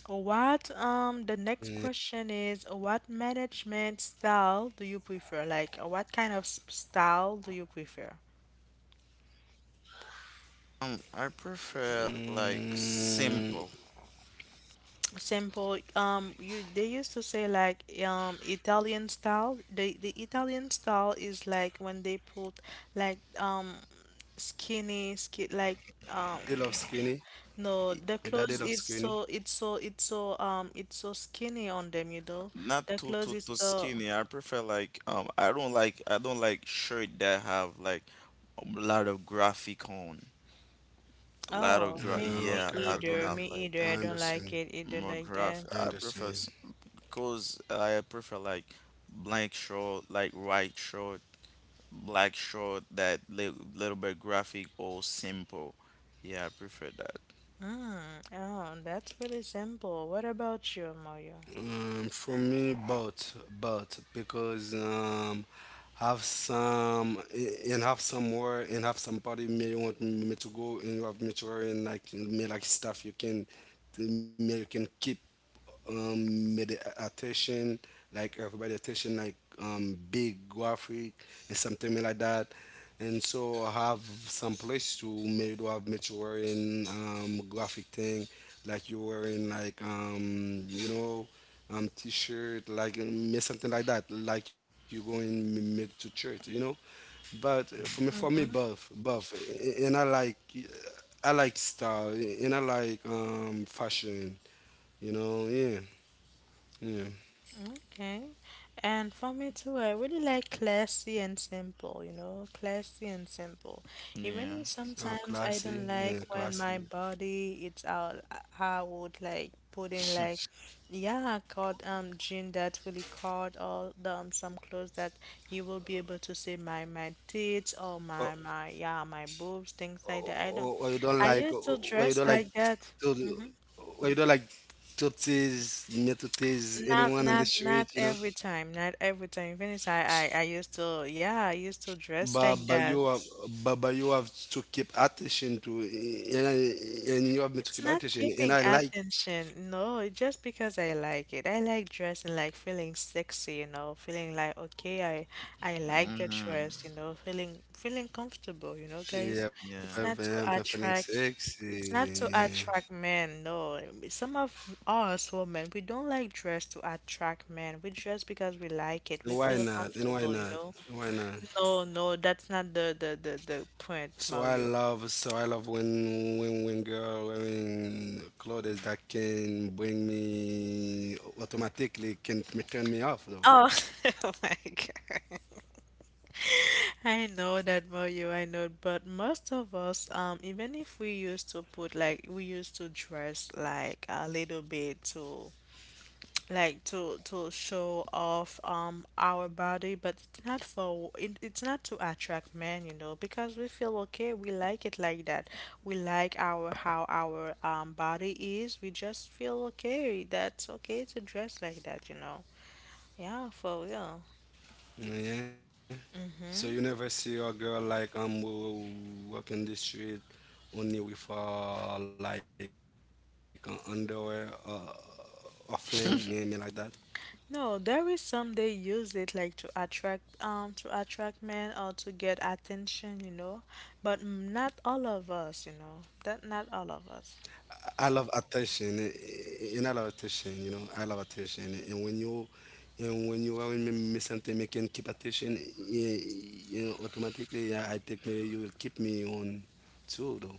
[SPEAKER 3] yeah.
[SPEAKER 1] What the next question is what management style do you prefer? Like what kind of style do you prefer?
[SPEAKER 2] I prefer
[SPEAKER 3] Mm,
[SPEAKER 2] like simple,
[SPEAKER 1] Simple. You they used to say like Italian style. The Italian style is like when they put like skinny skin like
[SPEAKER 3] they love
[SPEAKER 1] um
[SPEAKER 3] skinny. My
[SPEAKER 1] no, the
[SPEAKER 3] daddy love
[SPEAKER 1] clothes
[SPEAKER 3] skinny.
[SPEAKER 1] is so it's so it's so it's so skinny on them, you know,
[SPEAKER 2] not
[SPEAKER 1] the
[SPEAKER 2] too
[SPEAKER 1] clothes
[SPEAKER 2] too
[SPEAKER 1] is
[SPEAKER 2] too
[SPEAKER 1] so.
[SPEAKER 2] skinny. I prefer like I don't like I don't like shirt that have like a lot of graphic on, a lot of
[SPEAKER 1] Oh,
[SPEAKER 2] gra
[SPEAKER 3] Uh,
[SPEAKER 1] me me
[SPEAKER 3] okay,
[SPEAKER 2] yeah, I
[SPEAKER 3] okay.
[SPEAKER 2] do
[SPEAKER 1] either.
[SPEAKER 2] not
[SPEAKER 1] Me
[SPEAKER 2] like
[SPEAKER 3] I
[SPEAKER 1] either.
[SPEAKER 2] that.
[SPEAKER 1] I don't
[SPEAKER 3] understand.
[SPEAKER 1] like it either
[SPEAKER 2] More
[SPEAKER 1] like
[SPEAKER 3] I
[SPEAKER 1] that.
[SPEAKER 2] graphic. I
[SPEAKER 3] understand.
[SPEAKER 2] prefer because I prefer like blank short, like white short, black short that li little bit graphic or simple. Yeah, I prefer that.
[SPEAKER 1] Mm. Oh, that's really simple. What about you, Mario?
[SPEAKER 3] For me, both, both, because have some and have some more and have some party may want me to go and you have me to wear and like me like stuff you can me you can keep me the attention like everybody attention like big graphic and something like that, and so I have some place to maybe do have much wearing graphic thing like you're wearing like t-shirt, like something like that, like you going mid to church, you know. But for me, buff, buff, and I like style, and I like fashion, you know. Yeah, yeah,
[SPEAKER 1] Okay. And for me too, I really like classy and simple, you know, classy and simple. Even
[SPEAKER 2] Yeah.
[SPEAKER 1] if sometimes I
[SPEAKER 3] classy,
[SPEAKER 1] don't
[SPEAKER 3] yeah,
[SPEAKER 1] like when my
[SPEAKER 3] classy.
[SPEAKER 1] body it's out, I would like put in like, yeah, cut jean that really cut all the some clothes that you will be able to see my tits
[SPEAKER 3] Or,
[SPEAKER 1] or my yeah my boobs things like that.
[SPEAKER 3] or,
[SPEAKER 1] I
[SPEAKER 3] or you
[SPEAKER 1] don't.
[SPEAKER 3] don't like,
[SPEAKER 1] I used to
[SPEAKER 3] or you don't
[SPEAKER 1] dress
[SPEAKER 3] like,
[SPEAKER 1] like that.
[SPEAKER 3] to- or you don't like to tease, me to tease
[SPEAKER 1] Not
[SPEAKER 3] anyone in the
[SPEAKER 1] not not
[SPEAKER 3] street, you know.
[SPEAKER 1] every time, not every time. Even if I used to, yeah, I used to dress
[SPEAKER 3] But
[SPEAKER 1] like
[SPEAKER 3] but
[SPEAKER 1] that.
[SPEAKER 3] you have but you have to keep attention to, and, and you have to
[SPEAKER 1] It's
[SPEAKER 3] keep
[SPEAKER 1] not
[SPEAKER 3] attention, and
[SPEAKER 1] keeping
[SPEAKER 3] I like
[SPEAKER 1] attention. No, it's just because I like it. I like dressing, like feeling sexy, you know, feeling like okay, I like the
[SPEAKER 2] Hmm.
[SPEAKER 1] dress, you know, feeling feeling comfortable, you know, guys.
[SPEAKER 3] yeah five
[SPEAKER 2] Yeah.
[SPEAKER 1] It's not to
[SPEAKER 3] five feeling
[SPEAKER 1] attract.
[SPEAKER 3] six,
[SPEAKER 1] It's not to attract men, no. Some of us women, we don't like dress to attract men. We dress because we like it.
[SPEAKER 3] and
[SPEAKER 1] We
[SPEAKER 3] why
[SPEAKER 1] feel
[SPEAKER 3] not, and why
[SPEAKER 1] comfortable, you
[SPEAKER 3] not,
[SPEAKER 1] know.
[SPEAKER 3] and why not.
[SPEAKER 1] No, no, that's not the point,
[SPEAKER 3] so I
[SPEAKER 1] Mario.
[SPEAKER 3] love so I love when girl wearing clothes that can bring me automatically, can turn me off though.
[SPEAKER 1] Oh, <laughs> oh my God. I know that Mario, I know, but most of us, even if we used to put like we used to dress like a little bit to like to show off our body, but it's not for it, it's not to attract men, you know, because we feel okay, we like it like that, we like our how our body is, we just feel okay, that's okay to dress like that, you know, yeah, for real.
[SPEAKER 3] Yeah. So you never see a girl like who walking the street only with like underwear, or fling me, me like that.
[SPEAKER 1] No, there is some they use it like to attract men or to get attention, you know, but not all of us, you know. That not all of us.
[SPEAKER 3] I love attention, and I love attention, you know. I love attention, and when you are with me, me something me can keep attention, yeah, you know, automatically. Yeah, I think me you will keep me on too though.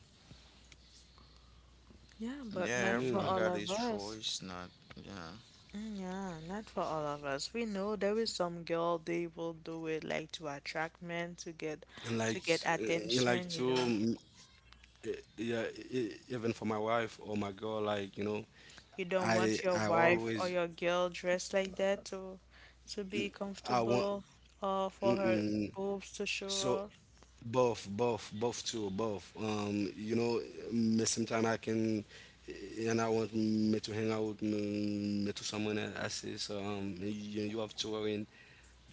[SPEAKER 1] Yeah, but
[SPEAKER 3] Yeah.
[SPEAKER 2] Yeah,
[SPEAKER 1] not for
[SPEAKER 2] everyone
[SPEAKER 1] all
[SPEAKER 2] got
[SPEAKER 1] of
[SPEAKER 2] his
[SPEAKER 1] us.
[SPEAKER 2] choice, not yeah.
[SPEAKER 1] Mm, yeah, not for all of us. We know there is some girl they will do it like to attract
[SPEAKER 3] And like
[SPEAKER 1] men
[SPEAKER 3] and like
[SPEAKER 1] to get
[SPEAKER 3] too,
[SPEAKER 1] attention, you know.
[SPEAKER 3] yeah, even for my wife or my girl, like, you know, I
[SPEAKER 1] You
[SPEAKER 3] I
[SPEAKER 1] don't want your
[SPEAKER 3] always.
[SPEAKER 1] wife or your girl dressed like that to be
[SPEAKER 3] I want.
[SPEAKER 1] comfortable or for
[SPEAKER 3] Mm-mm.
[SPEAKER 1] her boobs to
[SPEAKER 3] So
[SPEAKER 1] show off.
[SPEAKER 3] both, both, both too, both, you know, me sometime I can, and I want me to hang out me, me to someone else. I say, so you have to wearing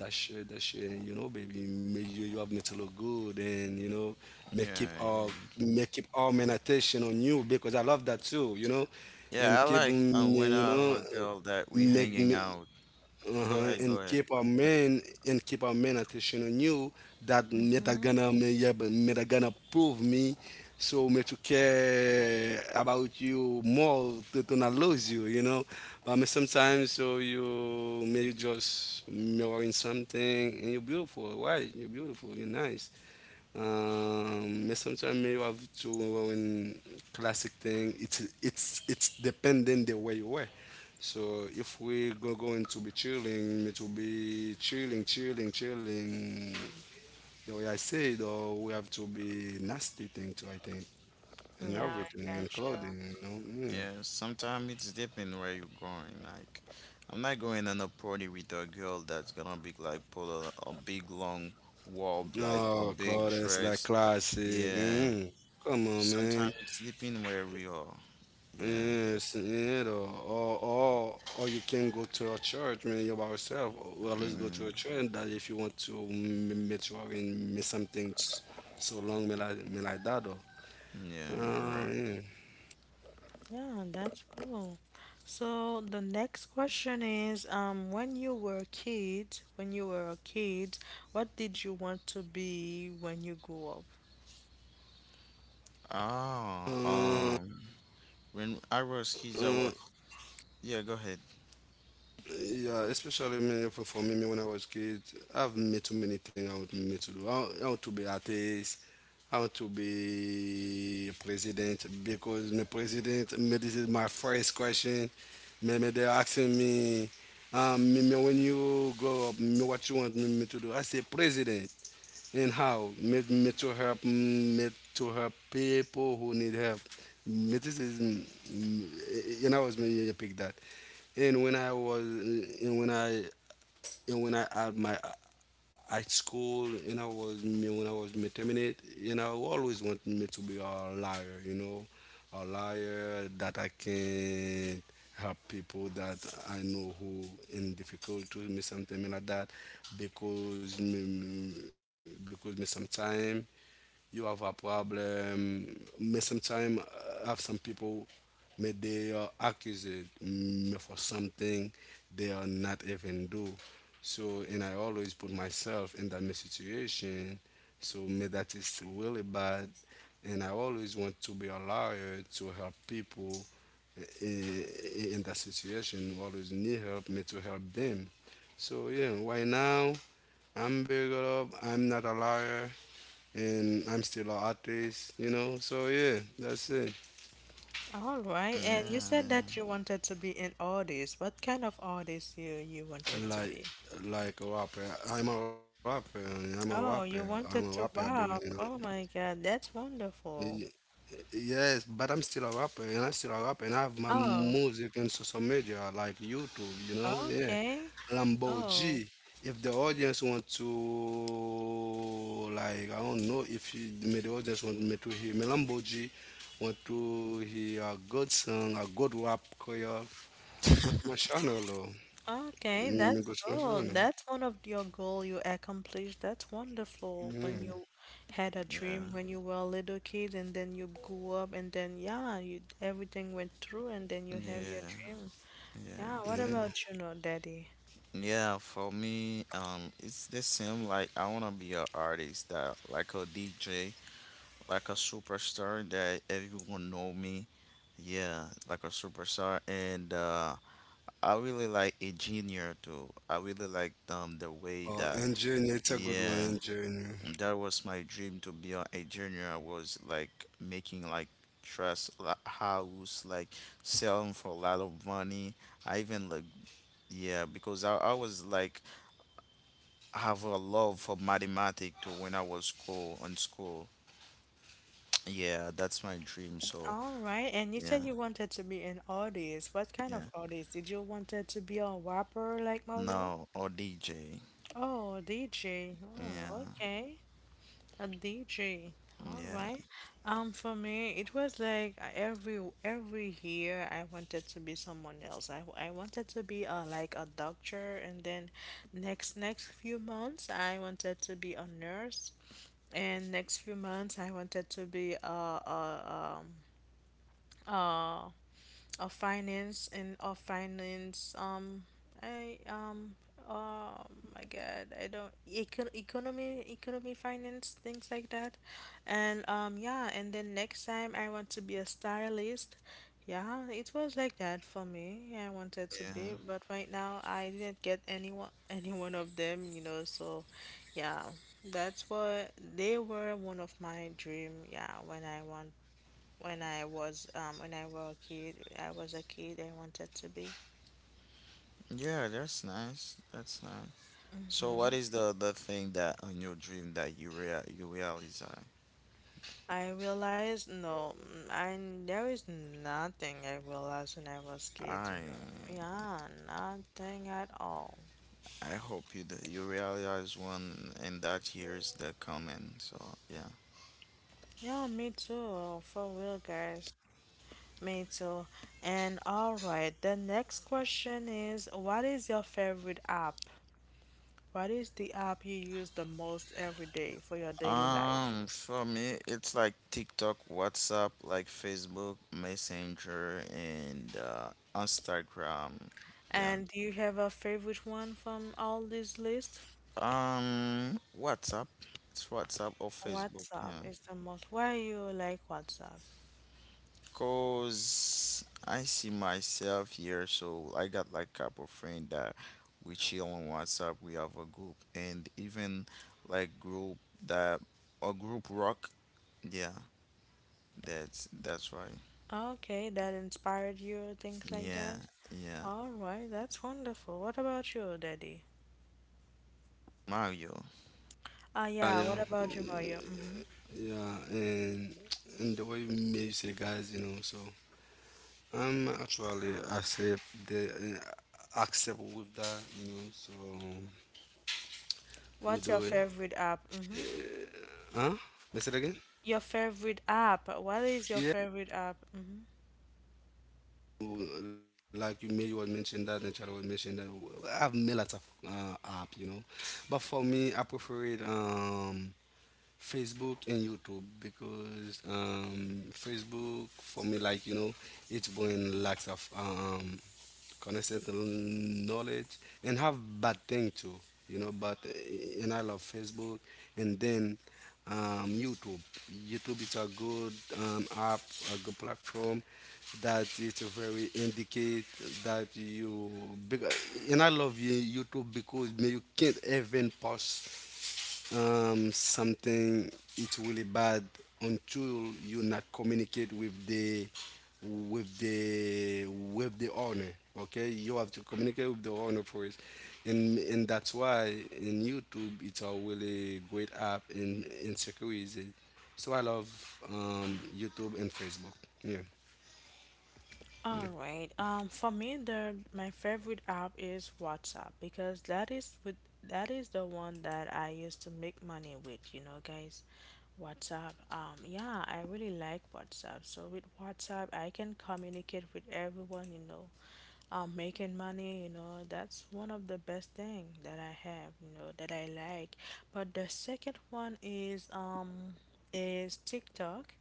[SPEAKER 3] that shirt, that shirt. And you know, baby, me you have me to look good, and you know, me keep
[SPEAKER 2] Yeah,
[SPEAKER 3] all
[SPEAKER 2] yeah.
[SPEAKER 3] me keep all my attention on you, because I love that too, you know.
[SPEAKER 2] Yeah,
[SPEAKER 3] And
[SPEAKER 2] I
[SPEAKER 3] keep,
[SPEAKER 2] like when
[SPEAKER 3] you
[SPEAKER 2] I have
[SPEAKER 3] know,
[SPEAKER 2] a girl that we
[SPEAKER 3] make
[SPEAKER 2] hanging
[SPEAKER 3] me,
[SPEAKER 2] out.
[SPEAKER 3] uh
[SPEAKER 2] Go
[SPEAKER 3] huh,
[SPEAKER 2] ahead,
[SPEAKER 3] and
[SPEAKER 2] go ahead.
[SPEAKER 3] keep our men, attention on you, that me, that gonna me, yeah, but me that gonna prove me, so me to care about you more, to not lose you, you know. But me sometimes, so you may you just mirroring something, and you're beautiful, right? You're beautiful, you're nice. Me sometimes may you have to, in classic thing, it's dependent the way you were. So if we go going to be chilling, need to be chilling, chilling, chilling. The way I say though, we have to be nasty thing too, I think, and
[SPEAKER 1] Yeah,
[SPEAKER 3] everything,
[SPEAKER 1] I
[SPEAKER 3] and
[SPEAKER 1] got you.
[SPEAKER 3] clothing, you know. Mm.
[SPEAKER 2] Yeah, sometimes it's depending where you're going. Like, I'm not going on a party with a girl that's gonna be like put a big long robe, like a
[SPEAKER 3] Oh,
[SPEAKER 2] big
[SPEAKER 3] clothes like
[SPEAKER 2] dress.
[SPEAKER 3] classic.
[SPEAKER 2] Yeah,
[SPEAKER 3] Mm. Come on,
[SPEAKER 2] sometimes
[SPEAKER 3] man.
[SPEAKER 2] it's depending where we are. Yeah,
[SPEAKER 3] Yes, or you can go to a church, man. You by yourself. Or always go to a
[SPEAKER 2] mm
[SPEAKER 3] church. That if you want to make sure and miss something so long, me like that. Though.
[SPEAKER 2] yeah, you're
[SPEAKER 3] Um,
[SPEAKER 2] right.
[SPEAKER 3] yeah.
[SPEAKER 1] Yeah, that's cool. So the next question is, when you were a kid, when you were a kid, what did you want to be when you grew.
[SPEAKER 2] Ah,
[SPEAKER 3] Uh,
[SPEAKER 2] um, when I was
[SPEAKER 3] uh,
[SPEAKER 2] kids, I was yeah. Go ahead.
[SPEAKER 3] yeah, especially me, for me, me when I was kid, I've made too many things I want me to do. I want to be artist, I want to be president, because me president, me, this is my first question. Me, me they're asking me, me, me, when you grow up, me, what you want me, me to do? I say president. And how to help, to help people who need help. Mm, this is, and I was me you pick that, and when I was, and when I had my at school, you know, was me when I was me terminate, you know, always want me to be a liar, you know, a liar that I can help people that I know who in difficulty, me something like that, because me, sometime you have a problem. Me sometimes have some people, may they are accused, me for something they are not even do. So, and I always put myself in that me situation. So me that is really bad, and I always want to be a lawyer to help people in that situation. Always need help me to help them. So yeah, right now I'm big up. I'm not a liar, and I'm still an artist, you know. So yeah, that's it.
[SPEAKER 1] All right. And you said
[SPEAKER 2] Yeah,
[SPEAKER 1] that you wanted to be an artist. What kind of artist you wanted to
[SPEAKER 3] Like,
[SPEAKER 1] be?
[SPEAKER 3] a rapper, I'm a rapper, honey. I'm a rapper.
[SPEAKER 1] Oh, you
[SPEAKER 3] I'm a rapper,
[SPEAKER 1] wanted
[SPEAKER 3] I
[SPEAKER 1] to
[SPEAKER 3] believe, you know.
[SPEAKER 1] rap. Oh my God, that's
[SPEAKER 3] Y-
[SPEAKER 1] wonderful.
[SPEAKER 3] Yes, but I'm still a rapper, and I'm still a rapper, and I have my
[SPEAKER 1] Oh,
[SPEAKER 3] music in social media like YouTube, you know? Yeah.
[SPEAKER 1] okay.
[SPEAKER 3] Lambo
[SPEAKER 1] Oh,
[SPEAKER 3] G. If the audience want to, like, I don't know if you, may the audience want me to hear me Lambo G, want to hear a good song, a good rap, career, go to my channel, or
[SPEAKER 1] okay.
[SPEAKER 3] me
[SPEAKER 1] That's
[SPEAKER 3] go to my
[SPEAKER 1] cool.
[SPEAKER 3] channel.
[SPEAKER 1] That's one of your goal you accomplished. That's wonderful when
[SPEAKER 3] Yeah.
[SPEAKER 1] you had a dream
[SPEAKER 2] yeah,
[SPEAKER 1] when you were a little kid and then you grew up and then yeah, you everything went through and then you
[SPEAKER 2] yeah,
[SPEAKER 1] have your
[SPEAKER 2] yeah.
[SPEAKER 1] dream.
[SPEAKER 2] Yeah,
[SPEAKER 1] Yeah, what about
[SPEAKER 3] Yeah.
[SPEAKER 1] you, no, Daddy?
[SPEAKER 2] yeah, for me, it's the same. Like, I wanna be an artist that, like a DJ, like a superstar that everyone know me. Yeah, like a superstar, and I really like engineer too. I really like the way
[SPEAKER 3] Oh,
[SPEAKER 2] that,
[SPEAKER 3] engineer, it's a good one,
[SPEAKER 2] yeah,
[SPEAKER 3] engineer.
[SPEAKER 2] that was my dream to be a junior. I was like making like house like selling for a lot of money. I even like yeah because I was like have a love for mathematics to when I was school on school, yeah, that's my dream. So
[SPEAKER 1] All right, and you
[SPEAKER 2] yeah
[SPEAKER 1] said you wanted to be an artist. What kind
[SPEAKER 2] yeah
[SPEAKER 1] of artist? Did you wanted to be a rapper like
[SPEAKER 2] no
[SPEAKER 1] Mario?
[SPEAKER 2] or DJ
[SPEAKER 1] Oh, DJ.
[SPEAKER 2] yeah
[SPEAKER 1] Oh, okay. A DJ. All
[SPEAKER 2] yeah
[SPEAKER 1] right. For me, it was like every year I wanted to be someone else. I wanted to be a like a doctor, and then next few months I wanted to be a nurse, and next few months I wanted to be a um uh of finance and of finance I um oh my god I don't economy finance things like that. And yeah, and then next time I want to be a stylist. Yeah, it was like that for me. I wanted to
[SPEAKER 2] yeah
[SPEAKER 1] be, but right now I didn't get anyone <laughs> any one of them, you know, so yeah, that's what they were. One of my dream, yeah, when I want, when I was a kid. I was a kid. I wanted to be.
[SPEAKER 2] yeah that's nice so what is the thing that on your dream that you real you realize.
[SPEAKER 1] I realized no, I there is nothing I realized when I was kid. You
[SPEAKER 2] I
[SPEAKER 1] know, yeah, nothing at all.
[SPEAKER 2] I hope you that you realize one and that year is the coming. So yeah.
[SPEAKER 1] Yeah, me too. For real, guys. Me too. And all right, the next question is, what is your favorite app? What is the app you use the most every day for your daily life?
[SPEAKER 2] For me, it's like TikTok, WhatsApp, like Facebook, Messenger, and Instagram. Yeah.
[SPEAKER 1] And do you have a favorite one from all this list?
[SPEAKER 2] WhatsApp. It's WhatsApp or Facebook.
[SPEAKER 1] WhatsApp
[SPEAKER 2] Yeah.
[SPEAKER 1] is the most. Why you like WhatsApp?
[SPEAKER 2] Cause I see myself here, so I got like couple friend that we chill on WhatsApp. We have a group, and even like group that a group rock. Yeah, that's right.
[SPEAKER 1] Okay, that inspired you, things like
[SPEAKER 2] Yeah,
[SPEAKER 1] that.
[SPEAKER 2] yeah.
[SPEAKER 1] All right, that's wonderful. What about you, Daddy?
[SPEAKER 2] Mario.
[SPEAKER 1] Ah,
[SPEAKER 3] Yeah,
[SPEAKER 1] yeah. What
[SPEAKER 3] yeah.
[SPEAKER 1] about you, Mario? Mm-hmm.
[SPEAKER 3] Yeah, and the way music, guys, you know. So I'm actually accept the, accept with that, you know. So we
[SPEAKER 1] What's
[SPEAKER 3] do
[SPEAKER 1] your
[SPEAKER 3] it,
[SPEAKER 1] favorite app? Mm-hmm.
[SPEAKER 3] huh? Let's say it again?
[SPEAKER 1] Your favorite app. What is your
[SPEAKER 3] Yeah.
[SPEAKER 1] favorite app? Mm-hmm.
[SPEAKER 3] Like you may was mentioned that, and Charlie was mentioned that. I have many lots of, app, you know, but for me, I prefer it Facebook and YouTube, because Facebook for me, like, you know, it's bring lots of constant knowledge, and have bad thing too, you know. But, and I love Facebook, and then, YouTube. YouTube is a good, app, a good platform that it's a very indicate that you, because, and I love YouTube, because man, you can't even post, something it's really bad until you not communicate with the, owner. Okay, you have to communicate with the owner first, and that's why in YouTube it's a really great app, and security. So I love YouTube and Facebook. Yeah.
[SPEAKER 1] All right. For me, the my favorite app is WhatsApp because that is the one that I used to make money with. You know, guys, WhatsApp. Yeah, I really like WhatsApp. So with WhatsApp, I can communicate with everyone. You know, making money. You know, that's one of the best thing that I have. You know, that I like. But the second one is TikTok.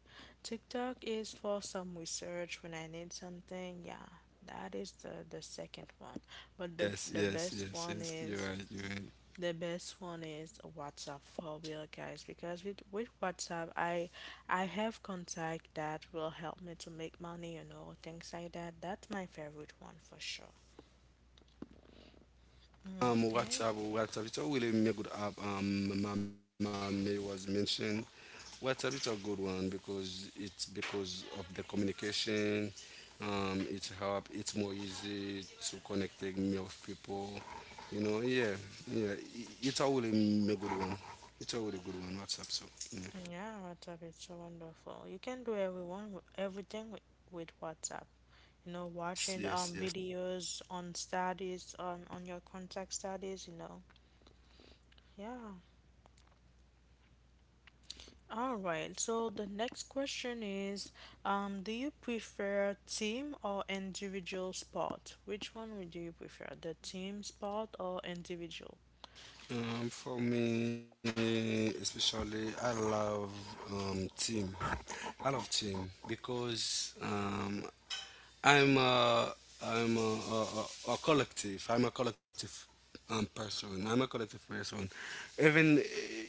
[SPEAKER 1] TikTok is for some research when I need something. Yeah, that is the
[SPEAKER 3] Yes,
[SPEAKER 1] second one.
[SPEAKER 3] yes, yes,
[SPEAKER 1] But the
[SPEAKER 3] yes, you're
[SPEAKER 1] the
[SPEAKER 3] right,
[SPEAKER 1] best
[SPEAKER 3] you're right.
[SPEAKER 1] one is the best one is WhatsApp for real, guys, because with WhatsApp I have contact that will help me to make money, you know, things like that. That's my favorite one for sure.
[SPEAKER 3] WhatsApp,
[SPEAKER 1] Okay.
[SPEAKER 3] WhatsApp, it's a really me good app. Mama May was mentioned. WhatsApp is a good one because it's because of the communication. It's help. It's more easy to connect me with people. You know, yeah, yeah. It's a really me good one. It's a really good one. WhatsApp, so
[SPEAKER 1] Yeah, WhatsApp is so wonderful. You can do everyone with- everything with WhatsApp. You know, watching
[SPEAKER 3] yeah. Yes, yes.
[SPEAKER 1] videos on studies on your contact studies, you know. Yeah. All right. So the next question is, do you prefer team or individual sport? Which one would you prefer, the team sport or individual?
[SPEAKER 3] For me, especially, I love, team. I love team, because I'm i I'm a, a collective. I'm a collective, person. I'm a collective person. Even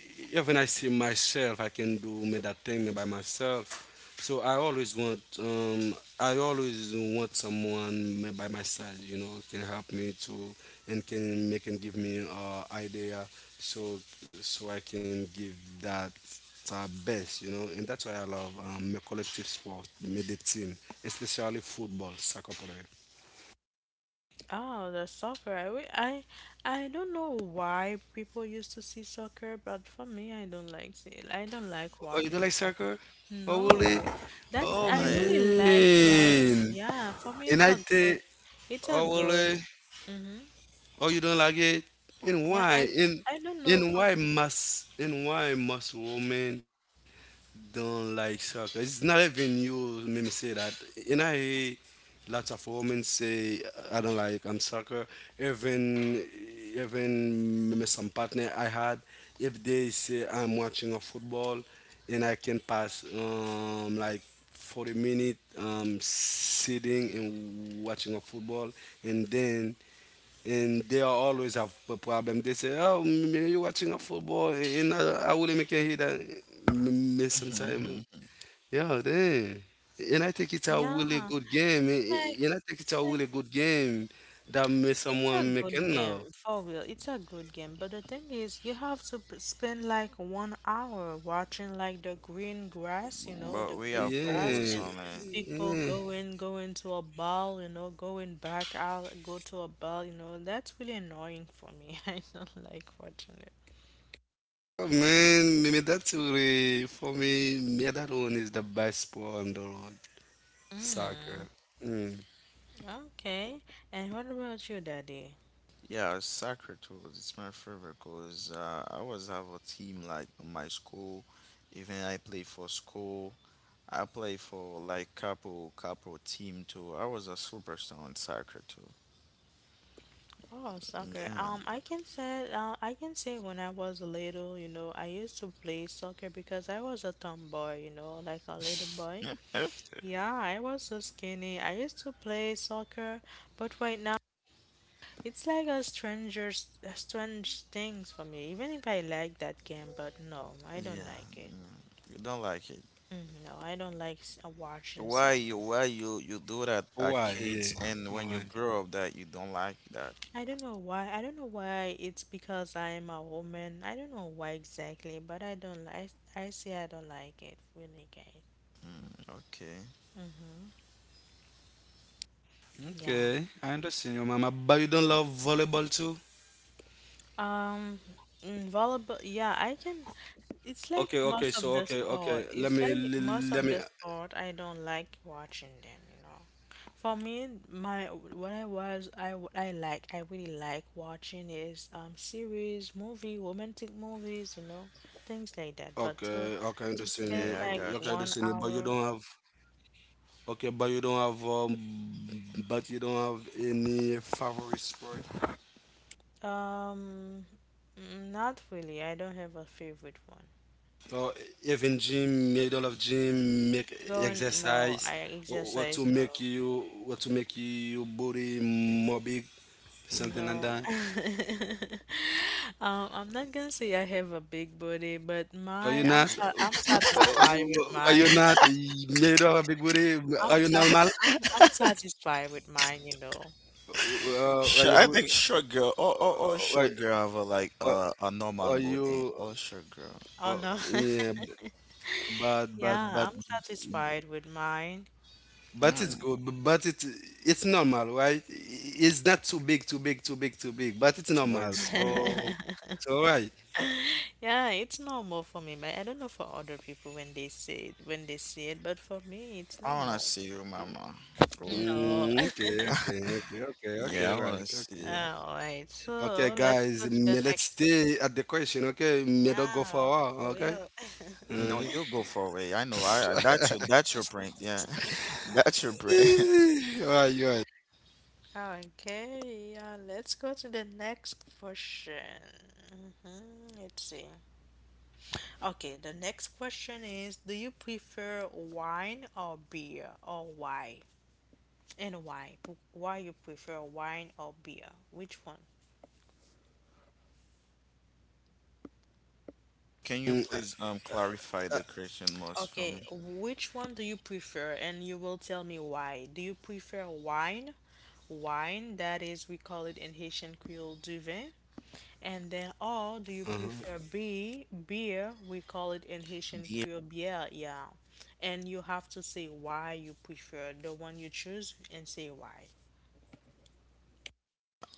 [SPEAKER 3] even I see myself, I can do me that thing by myself. So I always want, I always want someone me by my side. You know, can help me to, and can make and give me, idea. So so I can give that it's our best, you know, and that's why I love my collective sport, made the team, especially football, soccer player.
[SPEAKER 1] Oh, the soccer. I, wi- I don't know why people used to see soccer, but for me, I don't like
[SPEAKER 3] Oh, you don't
[SPEAKER 1] watching
[SPEAKER 3] like
[SPEAKER 1] soccer.
[SPEAKER 3] soccer? Oh, really?
[SPEAKER 1] No, that's
[SPEAKER 3] Oh,
[SPEAKER 1] I
[SPEAKER 2] Right,
[SPEAKER 1] really like
[SPEAKER 2] right.
[SPEAKER 3] man.
[SPEAKER 1] yeah. For me,
[SPEAKER 3] And
[SPEAKER 1] it's
[SPEAKER 3] I
[SPEAKER 1] a good,
[SPEAKER 3] think,
[SPEAKER 1] it's a
[SPEAKER 3] oh,
[SPEAKER 1] good.
[SPEAKER 3] really?
[SPEAKER 1] Mm-hmm.
[SPEAKER 3] Oh, you don't like it? And
[SPEAKER 1] Yeah,
[SPEAKER 3] why? And
[SPEAKER 1] I don't know.
[SPEAKER 3] and why must, women don't like soccer? It's not even you made me say that. And I hear lots of women say I don't like soccer. Even even maybe some partner I had, if they say I'm watching a football, and I can pass like 40 minutes, sitting and watching a football, and then and they are always have a problem. They say, "Oh, man, you watching a football?" And I really make you hear that miss sometime.
[SPEAKER 2] <laughs>
[SPEAKER 3] Yeah, then. And I think it's a really
[SPEAKER 1] Yeah,
[SPEAKER 3] good game,
[SPEAKER 1] like
[SPEAKER 3] and I think it's
[SPEAKER 1] it's
[SPEAKER 3] a
[SPEAKER 1] like
[SPEAKER 3] really good game that may
[SPEAKER 1] it's a
[SPEAKER 3] someone make
[SPEAKER 1] good game,
[SPEAKER 3] now.
[SPEAKER 1] for real. It's a good game, but the thing is, you have to spend like 1 hour watching like the green grass, you know,
[SPEAKER 2] But
[SPEAKER 1] the
[SPEAKER 2] we
[SPEAKER 1] green
[SPEAKER 2] have
[SPEAKER 1] grass,
[SPEAKER 2] pros
[SPEAKER 3] Yeah,
[SPEAKER 1] and
[SPEAKER 2] on it.
[SPEAKER 1] people
[SPEAKER 3] yeah.
[SPEAKER 1] going, going to a ball, you know, going back out, go to a ball, you know. That's really annoying for me. <laughs> I don't like watching it.
[SPEAKER 3] Oh man, me that's really for me. Me, that one is the best sport on the road. Soccer.
[SPEAKER 1] Mm,
[SPEAKER 3] Mm.
[SPEAKER 1] okay. And what about you, Daddy?
[SPEAKER 2] Yeah, soccer tools. It's my favorite cause I always have a team like in my school. Even I play for school. I play for like couple couple team too. I was a superstar in soccer too.
[SPEAKER 1] Oh, soccer.
[SPEAKER 2] Yeah,
[SPEAKER 1] I can say when I was little, you know, I used to play soccer because I was a tomboy, you know, like a little boy. Yeah, I was so skinny. I used to play soccer, but right now it's like a stranger, a strange things for me. Even if I like that game, but no, I
[SPEAKER 2] yeah.
[SPEAKER 1] don't like it.
[SPEAKER 2] You don't like it.
[SPEAKER 1] Mm, no, I don't like watching
[SPEAKER 2] Why
[SPEAKER 1] soccer.
[SPEAKER 2] you you do that at
[SPEAKER 3] Why?
[SPEAKER 2] kids
[SPEAKER 3] Yeah.
[SPEAKER 2] and when you
[SPEAKER 3] Why?
[SPEAKER 2] grow up that you don't like that?
[SPEAKER 1] I don't know why. I don't know why it's because I am a woman. I don't know why exactly, but I don't like. I say I don't like it, really, guys.
[SPEAKER 2] Mm, okay.
[SPEAKER 1] Yeah.
[SPEAKER 3] Okay, I understand your mama, but you don't love volleyball too?
[SPEAKER 1] Um, volleyball, yeah, I can. It's like
[SPEAKER 3] Okay, okay,
[SPEAKER 1] most
[SPEAKER 3] so
[SPEAKER 1] of the
[SPEAKER 3] okay, okay.
[SPEAKER 1] sport.
[SPEAKER 3] Let
[SPEAKER 1] It's
[SPEAKER 3] me,
[SPEAKER 1] like most
[SPEAKER 3] let
[SPEAKER 1] of
[SPEAKER 3] me.
[SPEAKER 1] the sport. I don't like watching them, you know. For me, my what I was, I w- I like, I really like watching is series, movie, romantic movies, you know, things like that.
[SPEAKER 3] Okay,
[SPEAKER 1] But
[SPEAKER 3] okay, I
[SPEAKER 1] to
[SPEAKER 3] understand you.
[SPEAKER 1] spend
[SPEAKER 2] Yeah, I
[SPEAKER 3] Okay, I
[SPEAKER 1] like
[SPEAKER 2] got
[SPEAKER 3] understand you,
[SPEAKER 2] you.
[SPEAKER 1] one hour,
[SPEAKER 3] okay, but you don't have um but you don't have any favorite sport.
[SPEAKER 1] um, not really. I don't have a favorite one.
[SPEAKER 3] Or even gym, you don't love gym, make
[SPEAKER 1] Going, no,
[SPEAKER 3] exercise
[SPEAKER 1] I
[SPEAKER 3] or what to
[SPEAKER 1] exercise,
[SPEAKER 3] make
[SPEAKER 1] no.
[SPEAKER 3] you what to make you body more big, something like
[SPEAKER 1] No.
[SPEAKER 3] that.
[SPEAKER 1] <laughs> I'm not gonna say I have a big body, but
[SPEAKER 3] Are you
[SPEAKER 1] my
[SPEAKER 3] not?
[SPEAKER 1] I'm satisfied with
[SPEAKER 3] Are you
[SPEAKER 1] mine.
[SPEAKER 3] not? You do a big booty. Are
[SPEAKER 1] I'm
[SPEAKER 3] you
[SPEAKER 1] sa-
[SPEAKER 3] normal?
[SPEAKER 1] I'm satisfied with mine, you know.
[SPEAKER 3] Are
[SPEAKER 2] Sure,
[SPEAKER 3] you?
[SPEAKER 2] I think short girl. Oh,
[SPEAKER 3] Uh,
[SPEAKER 2] oh,
[SPEAKER 3] are,
[SPEAKER 2] oh, short girl have a
[SPEAKER 3] are
[SPEAKER 2] like a
[SPEAKER 3] are
[SPEAKER 2] normal
[SPEAKER 3] you?
[SPEAKER 2] body. Oh, short girl.
[SPEAKER 3] Uh,
[SPEAKER 1] Oh no.
[SPEAKER 3] yeah,
[SPEAKER 1] <laughs>
[SPEAKER 3] but but but
[SPEAKER 1] Yeah, I'm satisfied with mine.
[SPEAKER 3] but it's
[SPEAKER 2] Mm,
[SPEAKER 3] good. But it's normal, right? It's not too big, too big, too big, too big. But it's
[SPEAKER 2] but
[SPEAKER 3] normal.
[SPEAKER 2] it's
[SPEAKER 3] So
[SPEAKER 2] normal.
[SPEAKER 1] <laughs>
[SPEAKER 3] so right.
[SPEAKER 1] Yeah, it's normal for me, but I don't know for other people when they say it, when they see it, but for me, it's
[SPEAKER 2] I wanna
[SPEAKER 1] normal.
[SPEAKER 2] see you, mama. Or,
[SPEAKER 1] No. <laughs>
[SPEAKER 3] Okay, okay, okay, okay, okay,
[SPEAKER 2] yeah, I
[SPEAKER 3] right,
[SPEAKER 2] wanna see
[SPEAKER 3] okay.
[SPEAKER 2] you.
[SPEAKER 1] All right,
[SPEAKER 3] Okay,
[SPEAKER 1] so let's
[SPEAKER 3] guys,
[SPEAKER 1] go to the
[SPEAKER 3] let's
[SPEAKER 1] next.
[SPEAKER 3] stay at the question, okay? Mm. Don't go
[SPEAKER 1] Yeah,
[SPEAKER 3] far,
[SPEAKER 1] for
[SPEAKER 3] okay?
[SPEAKER 1] real.
[SPEAKER 2] No,
[SPEAKER 3] Mm.
[SPEAKER 2] you go
[SPEAKER 3] <laughs>
[SPEAKER 2] for away. I know. I that's your prank. Yeah,
[SPEAKER 1] <laughs>
[SPEAKER 2] <laughs> that's your prank.
[SPEAKER 3] Right, right.
[SPEAKER 1] Okay, yeah, let's go to the next question. Hmm, let's see. Okay, the next question is, do you prefer wine or beer, or why? And why? Why you prefer wine or beer? Which one?
[SPEAKER 2] <laughs> Can you
[SPEAKER 3] Mm.
[SPEAKER 2] please clarify the
[SPEAKER 3] uh,
[SPEAKER 2] question most for
[SPEAKER 1] Okay,
[SPEAKER 2] me?
[SPEAKER 1] which one do you prefer? And you will tell me why. Do you prefer wine? Wine, that is, we call it in Haitian Creole du vin, and then, or do you
[SPEAKER 3] uh-huh.
[SPEAKER 1] prefer beer? Beer, we call it
[SPEAKER 2] Beer.
[SPEAKER 1] in Haitian Creole beer, yeah. And you have to say why you prefer the one you choose and say why.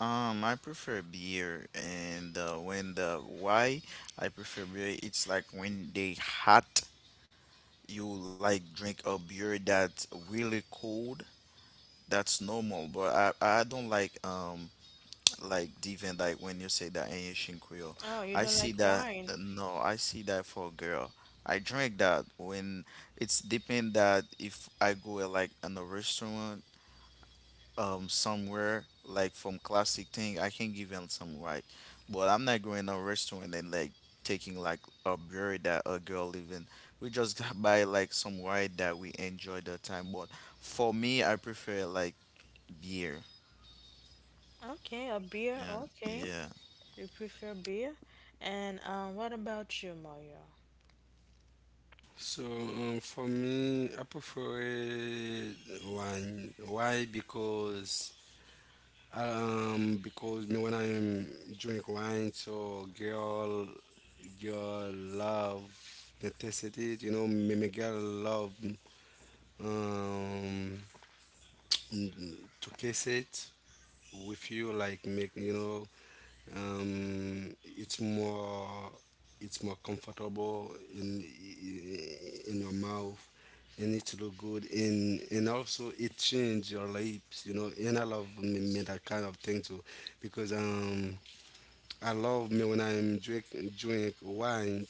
[SPEAKER 2] I prefer beer, and when the why I prefer beer, it's like when they hot, you like drink a beer that's really cold. That's normal, but I don't like different like when you say that in Haitian Creole.
[SPEAKER 1] Oh, you
[SPEAKER 2] I
[SPEAKER 1] don't
[SPEAKER 2] see
[SPEAKER 1] like
[SPEAKER 2] that
[SPEAKER 1] wine?
[SPEAKER 2] no, I see that for a girl. I drink that when it's depend that if I go like in a restaurant somewhere like from classic thing I can give them some white, but I'm not going to a restaurant and like taking like a beer that a girl even. We just <laughs> got by like some white that we enjoy the time. But for me, I prefer like beer.
[SPEAKER 1] Okay, a beer,
[SPEAKER 2] Yeah,
[SPEAKER 1] okay.
[SPEAKER 2] yeah.
[SPEAKER 1] You prefer beer? And what about you, Mario?
[SPEAKER 3] So for me, I prefer it wine. Why? Because me when I'm drink wine, so girl love the taste of it. You know, me girl love um to kiss it. With you like make you know, um, it's more it's more comfortable in your mouth, and it look good, and also it change your lips, you know. And I love me that kind of thing too because I love me when I'm drink wine,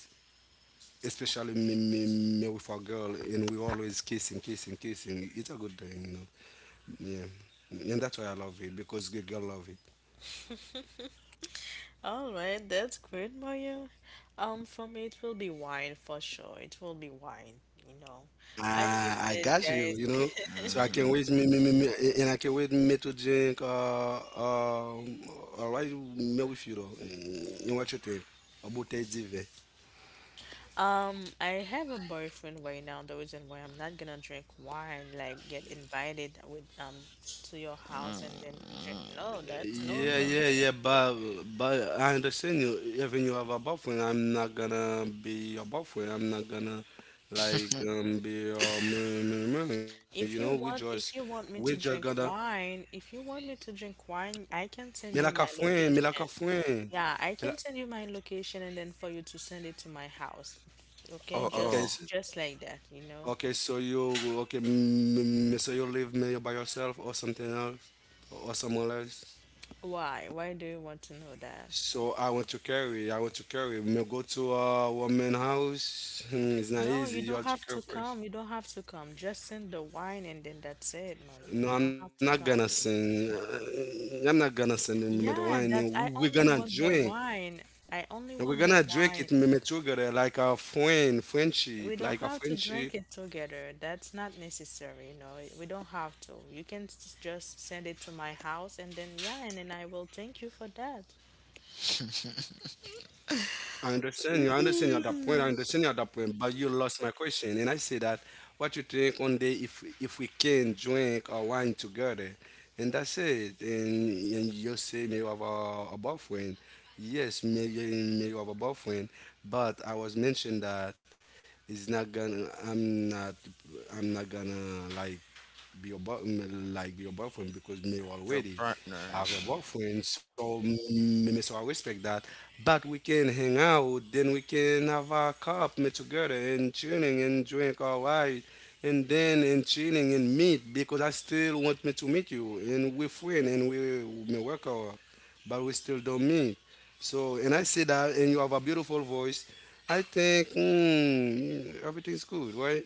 [SPEAKER 3] especially me with a girl, and we always kissing kissing kissing. It's a good thing, you know. Yeah, and that's why I love it because the girl love it.
[SPEAKER 1] All right, that's great, Mario. For me, it will be wine for sure. It will be wine, you know. As
[SPEAKER 3] I
[SPEAKER 1] you
[SPEAKER 3] got
[SPEAKER 1] said,
[SPEAKER 3] you, you
[SPEAKER 1] guys.
[SPEAKER 3] know.
[SPEAKER 1] <laughs>
[SPEAKER 3] So I can wait
[SPEAKER 2] Mm-hmm.
[SPEAKER 3] me and I can wait me to drink all right me with you though. You what you think? About the diva.
[SPEAKER 1] I have a boyfriend right now. The reason why I'm not gonna drink wine, like get invited with to your house and then drink.
[SPEAKER 2] Mm-mm.
[SPEAKER 1] No, that's no
[SPEAKER 3] Yeah,
[SPEAKER 1] fun.
[SPEAKER 3] yeah, yeah, but I understand you even you have a boyfriend. I'm not gonna be your boyfriend. I'm not gonna like be your man, you know,
[SPEAKER 1] If you
[SPEAKER 3] we
[SPEAKER 1] want
[SPEAKER 3] just
[SPEAKER 1] me to
[SPEAKER 3] gonna
[SPEAKER 1] drink wine, if you want me to drink wine, I
[SPEAKER 3] me
[SPEAKER 1] can
[SPEAKER 3] like a
[SPEAKER 1] send you my
[SPEAKER 3] friend, me like a
[SPEAKER 1] location.
[SPEAKER 3] friend. Me
[SPEAKER 1] Yeah, I
[SPEAKER 3] like,
[SPEAKER 1] can send you my location and then for you to send it to my house. Okay,
[SPEAKER 2] Oh,
[SPEAKER 3] okay.
[SPEAKER 2] oh,
[SPEAKER 1] just like that, you know.
[SPEAKER 3] Okay, so you okay? So you live maybe by yourself or something else, or someone else.
[SPEAKER 1] Why? Why do you want to know that?
[SPEAKER 3] So I want to carry. I want to carry. Me go to a woman house. It's not
[SPEAKER 1] No,
[SPEAKER 3] easy.
[SPEAKER 1] you
[SPEAKER 3] You
[SPEAKER 1] don't
[SPEAKER 3] have to
[SPEAKER 1] have
[SPEAKER 3] carry
[SPEAKER 1] to
[SPEAKER 3] first.
[SPEAKER 1] come. You don't have to come. Just send the wine and then that's it, Mario. You don't
[SPEAKER 3] No,
[SPEAKER 1] have
[SPEAKER 3] I'm
[SPEAKER 1] to
[SPEAKER 3] not
[SPEAKER 1] come.
[SPEAKER 3] gonna sing. I'm not gonna sing me me the
[SPEAKER 1] Yeah,
[SPEAKER 3] wine.
[SPEAKER 1] that's I
[SPEAKER 3] And we're
[SPEAKER 1] only
[SPEAKER 3] gonna
[SPEAKER 1] want the
[SPEAKER 3] drink.
[SPEAKER 1] wine. I only
[SPEAKER 3] And we're
[SPEAKER 1] want the
[SPEAKER 3] gonna drink
[SPEAKER 1] wine.
[SPEAKER 3] it me me together like a friend,
[SPEAKER 1] We
[SPEAKER 3] friendship,
[SPEAKER 1] don't
[SPEAKER 3] like a
[SPEAKER 1] have to
[SPEAKER 3] friendship.
[SPEAKER 1] drink it together. That's not necessary, you know. We don't have to. You can just send it to my house and then yeah, and then I will thank you for that.
[SPEAKER 3] I understand you. I understand you at that point. I understand you at that point. But
[SPEAKER 2] mm,
[SPEAKER 3] you lost my question, and I say that what you think one day if we can drink or wine together, and that's it. And you say me you have a boyfriend. Yes, me, me you have a boyfriend. But I was mentioned that it's not gonna. I'm not. I'm not gonna like be your boy, like be your boyfriend because me
[SPEAKER 2] your
[SPEAKER 3] already
[SPEAKER 2] partner.
[SPEAKER 3] have a
[SPEAKER 2] Yeah.
[SPEAKER 3] boyfriend. So me, me so I respect that. But we can hang out, then we can have a cup, me together and chilling and drink all right. And then and chilling and meet because I still want me to meet you, and we friend and we me work out, but we still don't meet. So and I say that and you have a beautiful voice. I think everything's good, right?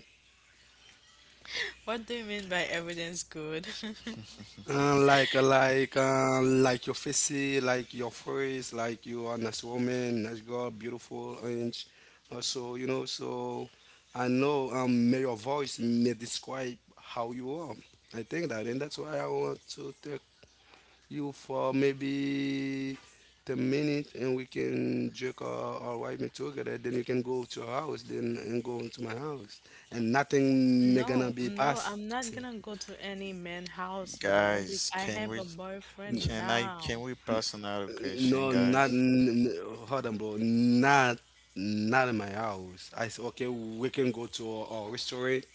[SPEAKER 1] <laughs> What do you mean by everything's good? <laughs>
[SPEAKER 3] Like your face, like your face, like you are nice woman, nice girl, beautiful, and so you know. So I know may your voice may describe how you are. I think that, and that's why I want to take you for maybe 10 minutes, and we can drink our white meat together. Then you can go to your house, then and go into my house, and nothing may gonna
[SPEAKER 1] No,
[SPEAKER 3] be
[SPEAKER 1] no, I'm
[SPEAKER 3] passing.
[SPEAKER 1] not gonna go to any man house, no, because
[SPEAKER 2] Guys,
[SPEAKER 1] I
[SPEAKER 2] can
[SPEAKER 1] have a
[SPEAKER 2] we?
[SPEAKER 1] boyfriend
[SPEAKER 2] Can I? Can
[SPEAKER 1] now.
[SPEAKER 2] we pass another
[SPEAKER 3] No,
[SPEAKER 2] question,
[SPEAKER 3] not
[SPEAKER 2] guys?
[SPEAKER 3] n- n- hold on, bro. Not not in my house. I said, okay, we can go to a restaurant,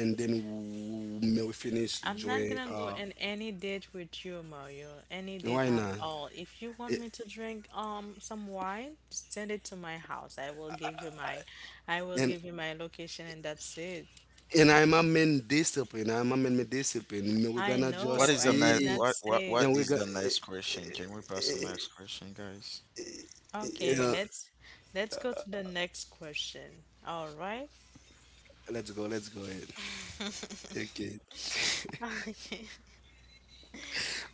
[SPEAKER 3] and then may we finish
[SPEAKER 1] I'm not
[SPEAKER 3] drink.
[SPEAKER 1] gonna go in any date with you, Mario. Any date
[SPEAKER 3] Why
[SPEAKER 1] at
[SPEAKER 3] not?
[SPEAKER 1] all. If you want
[SPEAKER 3] Eh,
[SPEAKER 1] me to drink some wine, send it to my house. I will
[SPEAKER 3] And
[SPEAKER 1] give you my location and that's it.
[SPEAKER 3] and I'm a man discipline. I'm a man with discipline. May we're
[SPEAKER 1] I
[SPEAKER 3] gonna
[SPEAKER 2] What
[SPEAKER 1] know,
[SPEAKER 3] just
[SPEAKER 2] is the
[SPEAKER 1] I did
[SPEAKER 2] next?
[SPEAKER 3] eat,
[SPEAKER 1] not
[SPEAKER 2] What? What? What
[SPEAKER 1] say.
[SPEAKER 3] and we're
[SPEAKER 2] is
[SPEAKER 3] gonna.
[SPEAKER 2] the next question? Can we pass the next question, guys?
[SPEAKER 1] Okay,
[SPEAKER 3] Yeah,
[SPEAKER 1] let's go to the next question. All right.
[SPEAKER 3] let's go. Let's go ahead. Take it.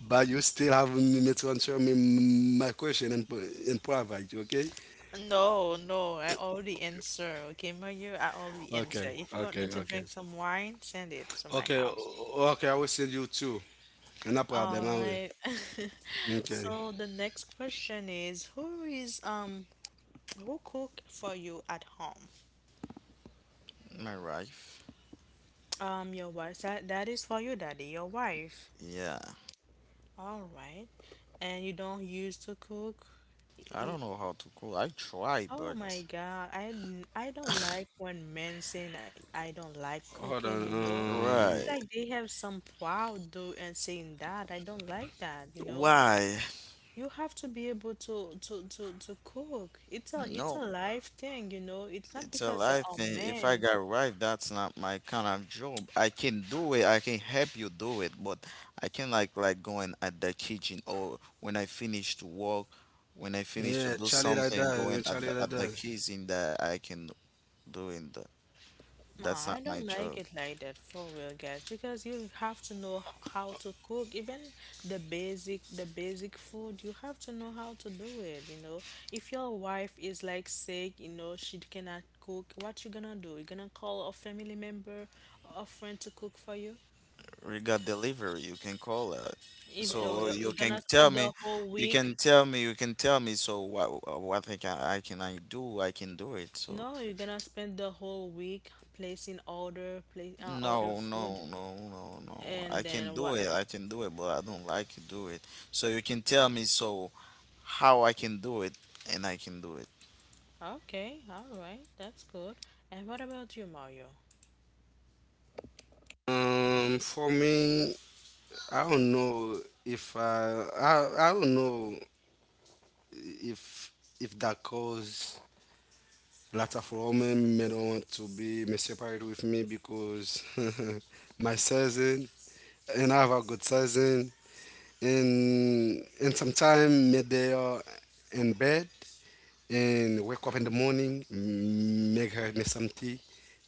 [SPEAKER 3] But you still have me me to answer me my question and and provide. Okay.
[SPEAKER 1] No, no, I already answer. Okay, Mario, I already answer.
[SPEAKER 3] Okay.
[SPEAKER 1] If you want me
[SPEAKER 3] Okay.
[SPEAKER 1] to
[SPEAKER 3] Okay.
[SPEAKER 1] drink some wine, send it to my
[SPEAKER 3] Okay,
[SPEAKER 1] house.
[SPEAKER 3] okay, I will send you two. No
[SPEAKER 1] All
[SPEAKER 3] problem, I will.
[SPEAKER 1] right. <laughs>
[SPEAKER 3] Okay.
[SPEAKER 1] So the next question is, who is who cook for you at home?
[SPEAKER 2] My wife.
[SPEAKER 1] Your wife. That that is for you, daddy, your wife.
[SPEAKER 2] Yeah.
[SPEAKER 1] All right. And you don't use to cook?
[SPEAKER 2] I don't
[SPEAKER 1] N-
[SPEAKER 2] know how to cook. I try,
[SPEAKER 1] Oh my
[SPEAKER 2] but
[SPEAKER 1] God. I don't like when men saying I don't like
[SPEAKER 3] Hold
[SPEAKER 1] cooking, you know.
[SPEAKER 3] on.
[SPEAKER 1] It's
[SPEAKER 3] Um,
[SPEAKER 2] right.
[SPEAKER 1] like they have some pride though and saying that. I don't like that, you know.
[SPEAKER 2] Why?
[SPEAKER 1] You have to be able to to cook. It's a
[SPEAKER 2] No.
[SPEAKER 1] life thing, you know. It's not
[SPEAKER 2] It's a
[SPEAKER 1] because you're
[SPEAKER 2] life
[SPEAKER 1] a
[SPEAKER 2] thing. If I
[SPEAKER 1] man.
[SPEAKER 2] got right, that's not my kind of job. I can do it. I can help you do it, but I can like going at the kitchen or when I finish to work, when I finish to
[SPEAKER 3] yeah,
[SPEAKER 2] do
[SPEAKER 3] Charlie like
[SPEAKER 2] something, going
[SPEAKER 3] that. Charlie
[SPEAKER 2] at
[SPEAKER 3] like
[SPEAKER 2] the
[SPEAKER 3] that.
[SPEAKER 2] kitchen that I can do in the. That's
[SPEAKER 1] Nah,
[SPEAKER 2] not
[SPEAKER 1] I
[SPEAKER 2] my
[SPEAKER 1] don't like
[SPEAKER 2] job.
[SPEAKER 1] it like that for real, guys, because you have to know how to cook. Even the basic food, you have to know how to do it, you know. If your wife is like sick, you know, she cannot cook, what you gonna do? You gonna call a family member or a friend to cook for you?
[SPEAKER 2] We got delivery. You can call it.
[SPEAKER 1] Even though
[SPEAKER 2] You
[SPEAKER 1] you're
[SPEAKER 2] can
[SPEAKER 1] gonna
[SPEAKER 2] tell
[SPEAKER 1] spend the
[SPEAKER 2] me,
[SPEAKER 1] whole week.
[SPEAKER 2] you can tell me. So what I can I can I do? I can do it. So.
[SPEAKER 1] No, you're gonna spend the whole week placing order, place order
[SPEAKER 2] No,
[SPEAKER 1] food,
[SPEAKER 2] no, no, no, no. I
[SPEAKER 1] and
[SPEAKER 2] can
[SPEAKER 1] then
[SPEAKER 2] do
[SPEAKER 1] what?
[SPEAKER 2] it. I can do it, but I don't like to do it. So you can tell me so how I can do it, and I can do it.
[SPEAKER 1] Okay, all right, that's good. And what about you, Mario?
[SPEAKER 3] For me, I don't know if I, I don't know if if that cause lots of women may don't want to be may separate with me because <laughs> my cousin and I have a good cousin, and sometimes they are in bed and wake up in the morning, make her make some tea,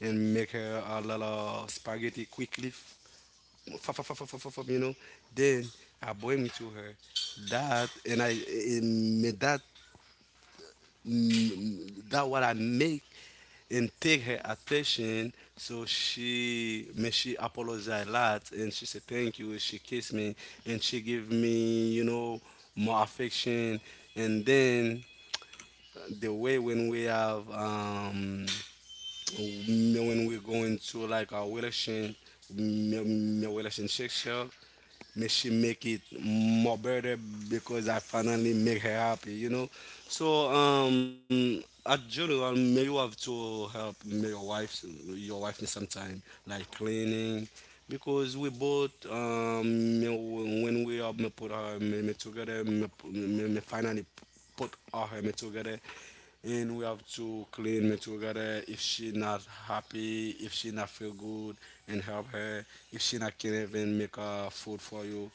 [SPEAKER 3] and make her a lot of spaghetti quickly, you know. Then I bring it to her. That and I and make that, that what I make and take her attention. So she me she apologized a lot, and she said thank you. She kissed me, and she give me, you know, more affection. And then the way when we have when we're going to like our relation m- relationship show, may she make it more better because I finally make her happy, you know. So at general may you have to help may your wife me sometime, like cleaning because we both when we are may put our me together me finally put our me together, and we have to clean me together if she not happy, if she not feel good, and help her if she not can even make food for you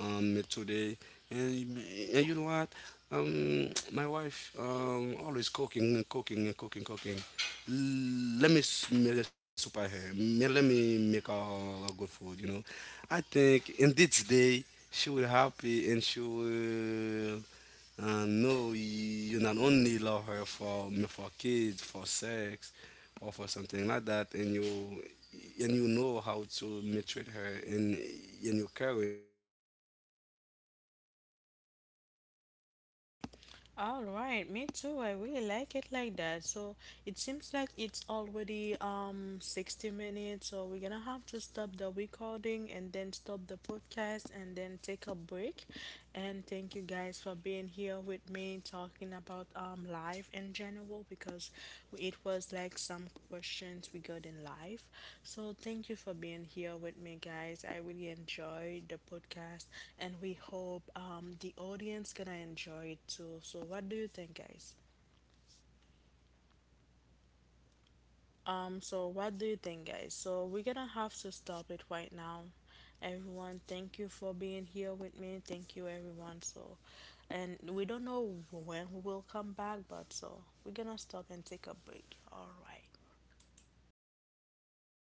[SPEAKER 3] me today, and, and you know what, my wife always cooking and cooking and cooking cooking. Let me make a soup I have. Let me make a good food, you know. I think in this day she will happy, and she will, and no, you not only love her for kids, for sex, or for something like that, and you know how to mistreat her, and you caring of her. And I think a woman may love that lot, and that's why
[SPEAKER 2] Yeah.
[SPEAKER 3] I put
[SPEAKER 1] All right, me
[SPEAKER 3] myself
[SPEAKER 1] too. I
[SPEAKER 3] in
[SPEAKER 1] really
[SPEAKER 3] that
[SPEAKER 1] like it
[SPEAKER 3] place
[SPEAKER 1] like
[SPEAKER 3] me
[SPEAKER 1] that.
[SPEAKER 3] to do
[SPEAKER 1] So
[SPEAKER 3] it,
[SPEAKER 1] it seems
[SPEAKER 3] me
[SPEAKER 1] like
[SPEAKER 3] for
[SPEAKER 1] it's
[SPEAKER 3] her because I
[SPEAKER 1] already
[SPEAKER 3] know me she loves
[SPEAKER 1] 60
[SPEAKER 3] it.
[SPEAKER 1] minutes,
[SPEAKER 3] Yeah.
[SPEAKER 1] so we're gonna have to stop the recording and then
[SPEAKER 3] Yeah,
[SPEAKER 1] stop
[SPEAKER 3] so
[SPEAKER 1] the podcast and then take a
[SPEAKER 3] yeah,
[SPEAKER 1] break.
[SPEAKER 3] at all,
[SPEAKER 1] And thank you guys for
[SPEAKER 3] if
[SPEAKER 1] being here with
[SPEAKER 3] if
[SPEAKER 1] me talking
[SPEAKER 3] if
[SPEAKER 1] about
[SPEAKER 3] my wife like
[SPEAKER 1] life in general because it was like
[SPEAKER 3] maybe she
[SPEAKER 1] some
[SPEAKER 3] don't have me, me
[SPEAKER 1] questions we
[SPEAKER 3] to be
[SPEAKER 1] got
[SPEAKER 3] have a
[SPEAKER 1] in
[SPEAKER 3] problem
[SPEAKER 1] life.
[SPEAKER 3] me, me, me,
[SPEAKER 1] So
[SPEAKER 3] me to
[SPEAKER 1] thank you
[SPEAKER 3] cook,
[SPEAKER 1] for
[SPEAKER 3] you know.
[SPEAKER 1] being here with
[SPEAKER 3] Maybe
[SPEAKER 1] me,
[SPEAKER 3] sometimes
[SPEAKER 1] guys. I
[SPEAKER 3] me,
[SPEAKER 1] really
[SPEAKER 3] me, me she tired,
[SPEAKER 1] enjoyed the podcast, and
[SPEAKER 3] maybe
[SPEAKER 1] we
[SPEAKER 3] she
[SPEAKER 1] hope
[SPEAKER 3] can't.
[SPEAKER 1] the audience gonna enjoy it too. So what do you think, guys?
[SPEAKER 3] Non, pose papa, m konen yo pa kouwen, mè mwen mè m pase de mama kale,
[SPEAKER 1] So what do you think,
[SPEAKER 3] se
[SPEAKER 1] guys?
[SPEAKER 3] se
[SPEAKER 1] So we're
[SPEAKER 3] m
[SPEAKER 1] gonna
[SPEAKER 3] ke
[SPEAKER 1] have
[SPEAKER 3] kebe
[SPEAKER 1] to
[SPEAKER 3] pou li.
[SPEAKER 1] stop it right now. Everyone, thank you
[SPEAKER 3] Non, li
[SPEAKER 1] for
[SPEAKER 3] pot
[SPEAKER 1] being
[SPEAKER 3] koto be, ne
[SPEAKER 1] here
[SPEAKER 3] kounen
[SPEAKER 1] with
[SPEAKER 3] al
[SPEAKER 1] me.
[SPEAKER 3] tobe.
[SPEAKER 1] Thank you, everyone.
[SPEAKER 3] Si
[SPEAKER 1] So, and we don't know when we will come back,
[SPEAKER 3] Ouè,
[SPEAKER 1] but so we're gonna stop and take a break. All right.